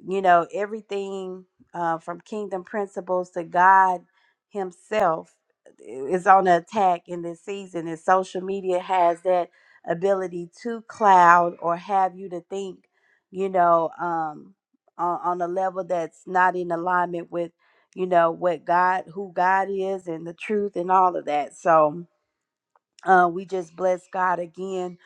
Speaker 4: you know, everything uh, from kingdom principles to God Himself is on the attack in this season, and social media has that ability to cloud or have you to think, you know, um, on, on a level that's not in alignment with, you know, what God, who God is, and the truth, and all of that. So, uh, we just bless God again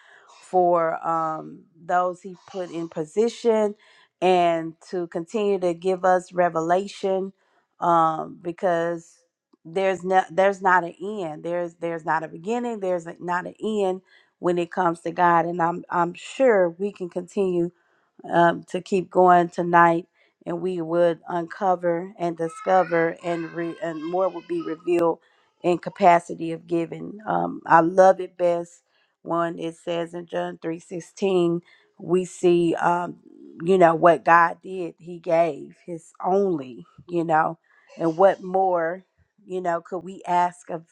Speaker 4: for um, those He put in position and to continue to give us revelation um, because there's no, there's not an end. There's there's not a beginning. There's like, not an end when it comes to God, and I'm I'm sure we can continue um, to keep going tonight and we would uncover and discover and re- and more would be revealed in capacity of giving um, i love it best when it says in john 3.16 we see um, you know what god did he gave his only you know and what more you know could we ask of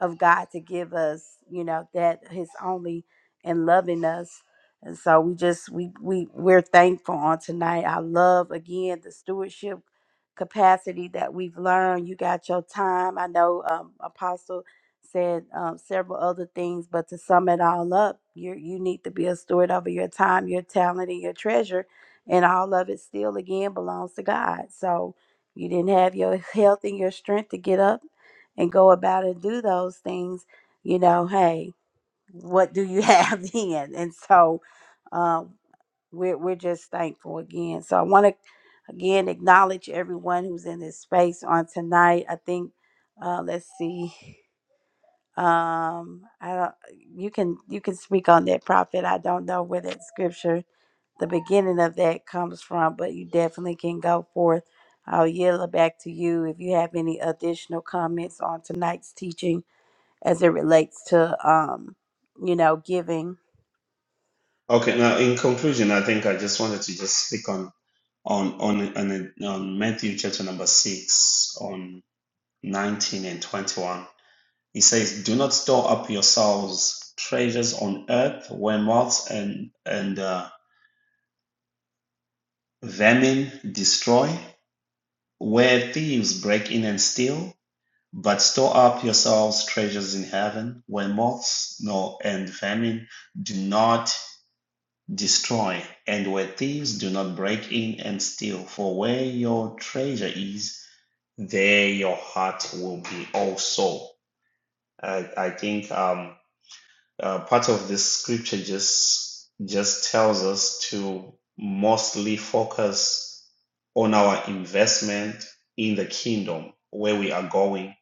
Speaker 4: of god to give us you know that his only and loving us and so we just we we we're thankful on tonight. I love again the stewardship capacity that we've learned. You got your time. I know um, Apostle said um, several other things, but to sum it all up, you you need to be a steward over your time, your talent, and your treasure, and all of it still again belongs to God. So you didn't have your health and your strength to get up and go about and do those things. You know, hey, what do you have then? And so um, we're, we're just thankful again. So I want to again acknowledge everyone who's in this space on tonight. I think uh, let's see. Um, I don't, you can you can speak on that prophet. I don't know where that scripture, the beginning of that comes from, but you definitely can go forth. I'll yield it back to you if you have any additional comments on tonight's teaching as it relates to um, you know, giving
Speaker 1: Okay, now in conclusion, I think I just wanted to just speak on on on on, on Matthew chapter number six on nineteen and twenty-one. He says, "Do not store up yourselves treasures on earth, where moths and and uh, vermin destroy." where thieves break in and steal, but store up yourselves treasures in heaven, where moths nor and famine do not destroy, and where thieves do not break in and steal. For where your treasure is, there your heart will be also. I, I think um, uh, part of this scripture just just tells us to mostly focus on our investment in the kingdom where we are going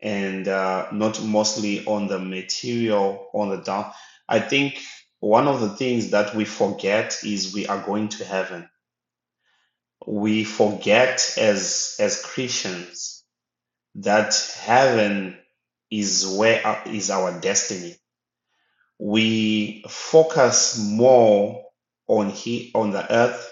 Speaker 1: and uh, not mostly on the material on the down i think one of the things that we forget is we are going to heaven we forget as as christians that heaven is where is our destiny we focus more on he on the earth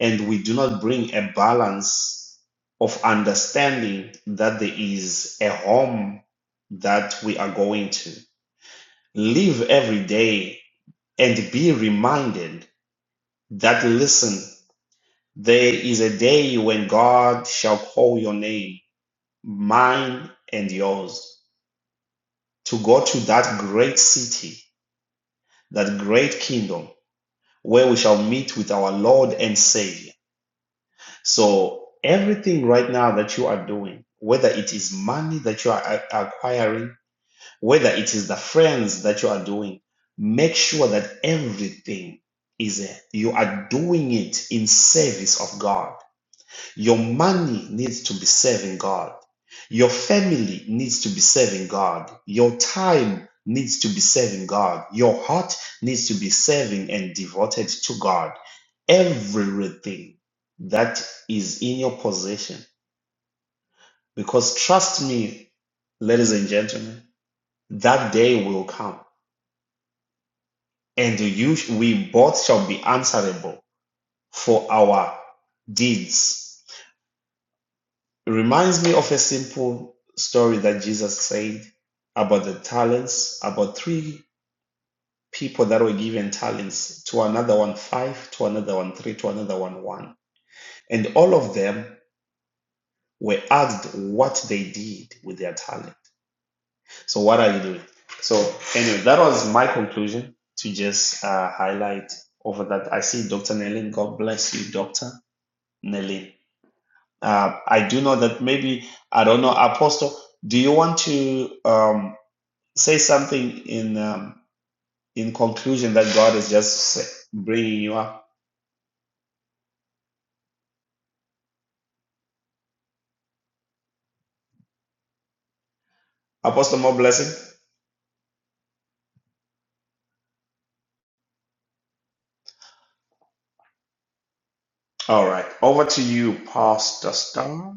Speaker 1: and we do not bring a balance of understanding that there is a home that we are going to live every day and be reminded that listen there is a day when god shall call your name mine and yours to go to that great city that great kingdom where we shall meet with our Lord and Savior. So, everything right now that you are doing, whether it is money that you are acquiring, whether it is the friends that you are doing, make sure that everything is you are doing it in service of God your money needs to be serving God. Your family needs to be serving God. Your time needs to be serving God. Your heart needs to be serving and devoted to God. Everything that is in your possession. Because trust me, ladies and gentlemen, that day will come and you, we both shall be answerable for our deeds. It reminds me of a simple story that Jesus said about the talents, about three people that were given talents, to another one five, to another one three, to another one one. And all of them were asked what they did with their talent. So, what are you doing? So, anyway, that was my conclusion to just uh, highlight over that. I see Dr. Nelin. God bless you, Dr. Nelin. Uh, I do know that maybe, I don't know, Apostle, do you want to um, say something in um, in conclusion that God is just bringing you up? Apostle, more blessing? All right. Over to you, Pastor Star.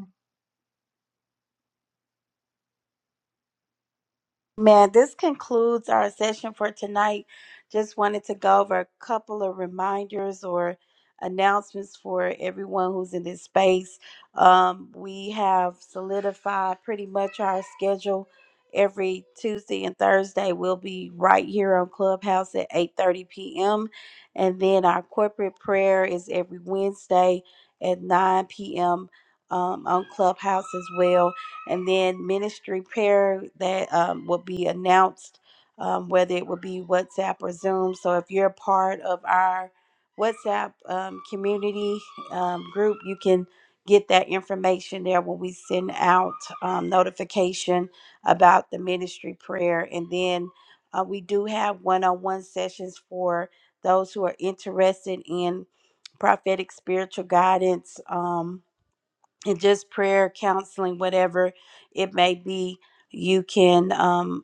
Speaker 4: Man, this concludes our session for tonight. Just wanted to go over a couple of reminders or announcements for everyone who's in this space. Um, we have solidified pretty much our schedule every Tuesday and Thursday. We'll be right here on Clubhouse at 8:30 p.m. And then our corporate prayer is every Wednesday at 9 p.m. um, on Clubhouse as well and then ministry prayer that um, will be announced, um, whether it will be WhatsApp or Zoom. So if you're a part of our WhatsApp um, community um, group, you can get that information there when we send out um, notification about the ministry prayer. And then uh, we do have one on one sessions for those who are interested in prophetic spiritual guidance. Um, and just prayer, counseling, whatever it may be, you can. Um,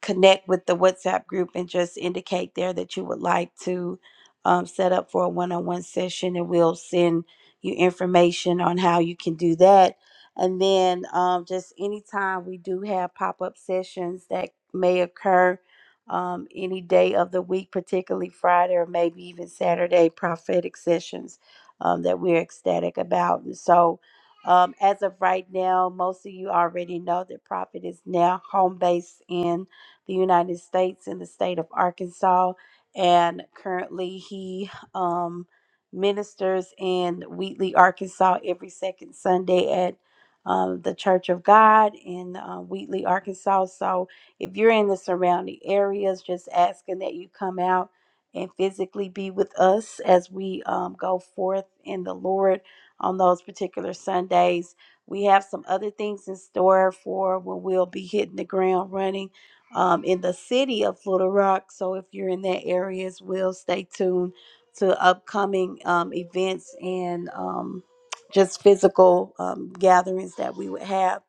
Speaker 4: connect with the WhatsApp group and just indicate there that you would like to um, set up for a one on one session, and we'll send you information on how you can do that. And then um, just anytime we do have pop up sessions that may occur um, any day of the week, particularly Friday or maybe even Saturday, prophetic sessions um, that we're ecstatic about. And so, um, as of right now, most of you already know that Prophet is now home based in the United States in the state of Arkansas. And currently, he um, ministers in Wheatley, Arkansas every second Sunday at um, the Church of God in uh, Wheatley, Arkansas. So if you're in the surrounding areas, just asking that you come out and physically be with us as we um, go forth in the Lord on those particular Sundays. We have some other things in store for when we'll be hitting the ground running um, in the city of Little Rock. So if you're in that area as well, stay tuned to upcoming um, events and um, just physical um, gatherings that we would have.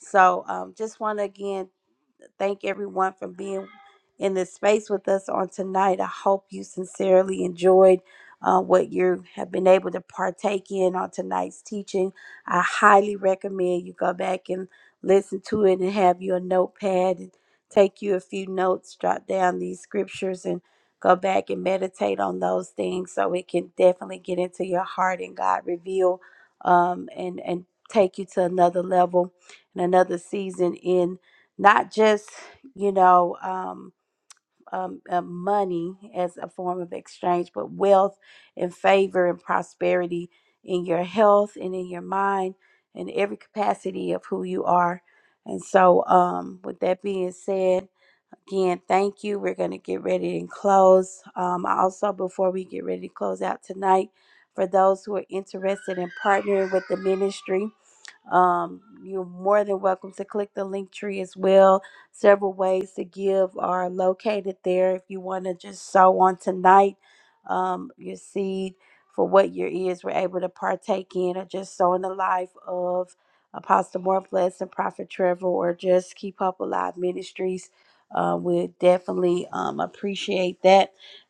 Speaker 4: So um, just want to again thank everyone for being in this space with us on tonight. I hope you sincerely enjoyed uh, what you have been able to partake in on tonight's teaching. I highly recommend you go back and listen to it and have your notepad and take you a few notes, jot down these scriptures, and go back and meditate on those things so it can definitely get into your heart and God reveal um, and and take you to another level and another season in not just you know um, um, uh, money as a form of exchange but wealth and favor and prosperity in your health and in your mind and every capacity of who you are and so um, with that being said again thank you we're going to get ready and close um, also before we get ready to close out tonight for those who are interested in partnering with the ministry um, you're more than welcome to click the link tree as well. Several ways to give are located there. If you want to just sow on tonight, um, your seed for what your ears were able to partake in, or just sow in the life of Apostle More Bless and Prophet Trevor, or just Keep Hope Alive Ministries. Uh, we definitely um, appreciate that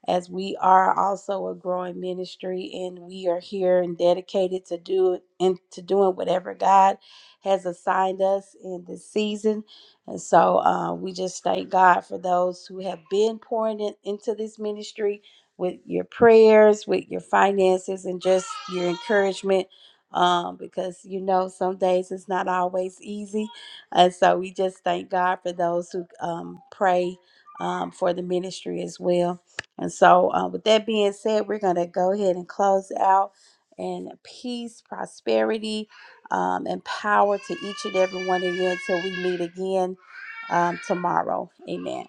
Speaker 4: as we are also a growing ministry and we are here and dedicated to do and to doing whatever God has assigned us in this season. And so uh, we just thank God for those who have been pouring in, into this ministry with your prayers, with your finances, and just your encouragement. Um, because you know, some days it's not always easy, and so we just thank God for those who um, pray um, for the ministry as well. And so, uh, with that being said, we're going to go ahead and close out in peace, prosperity, um, and power to each and every one of you until we meet again um, tomorrow. Amen.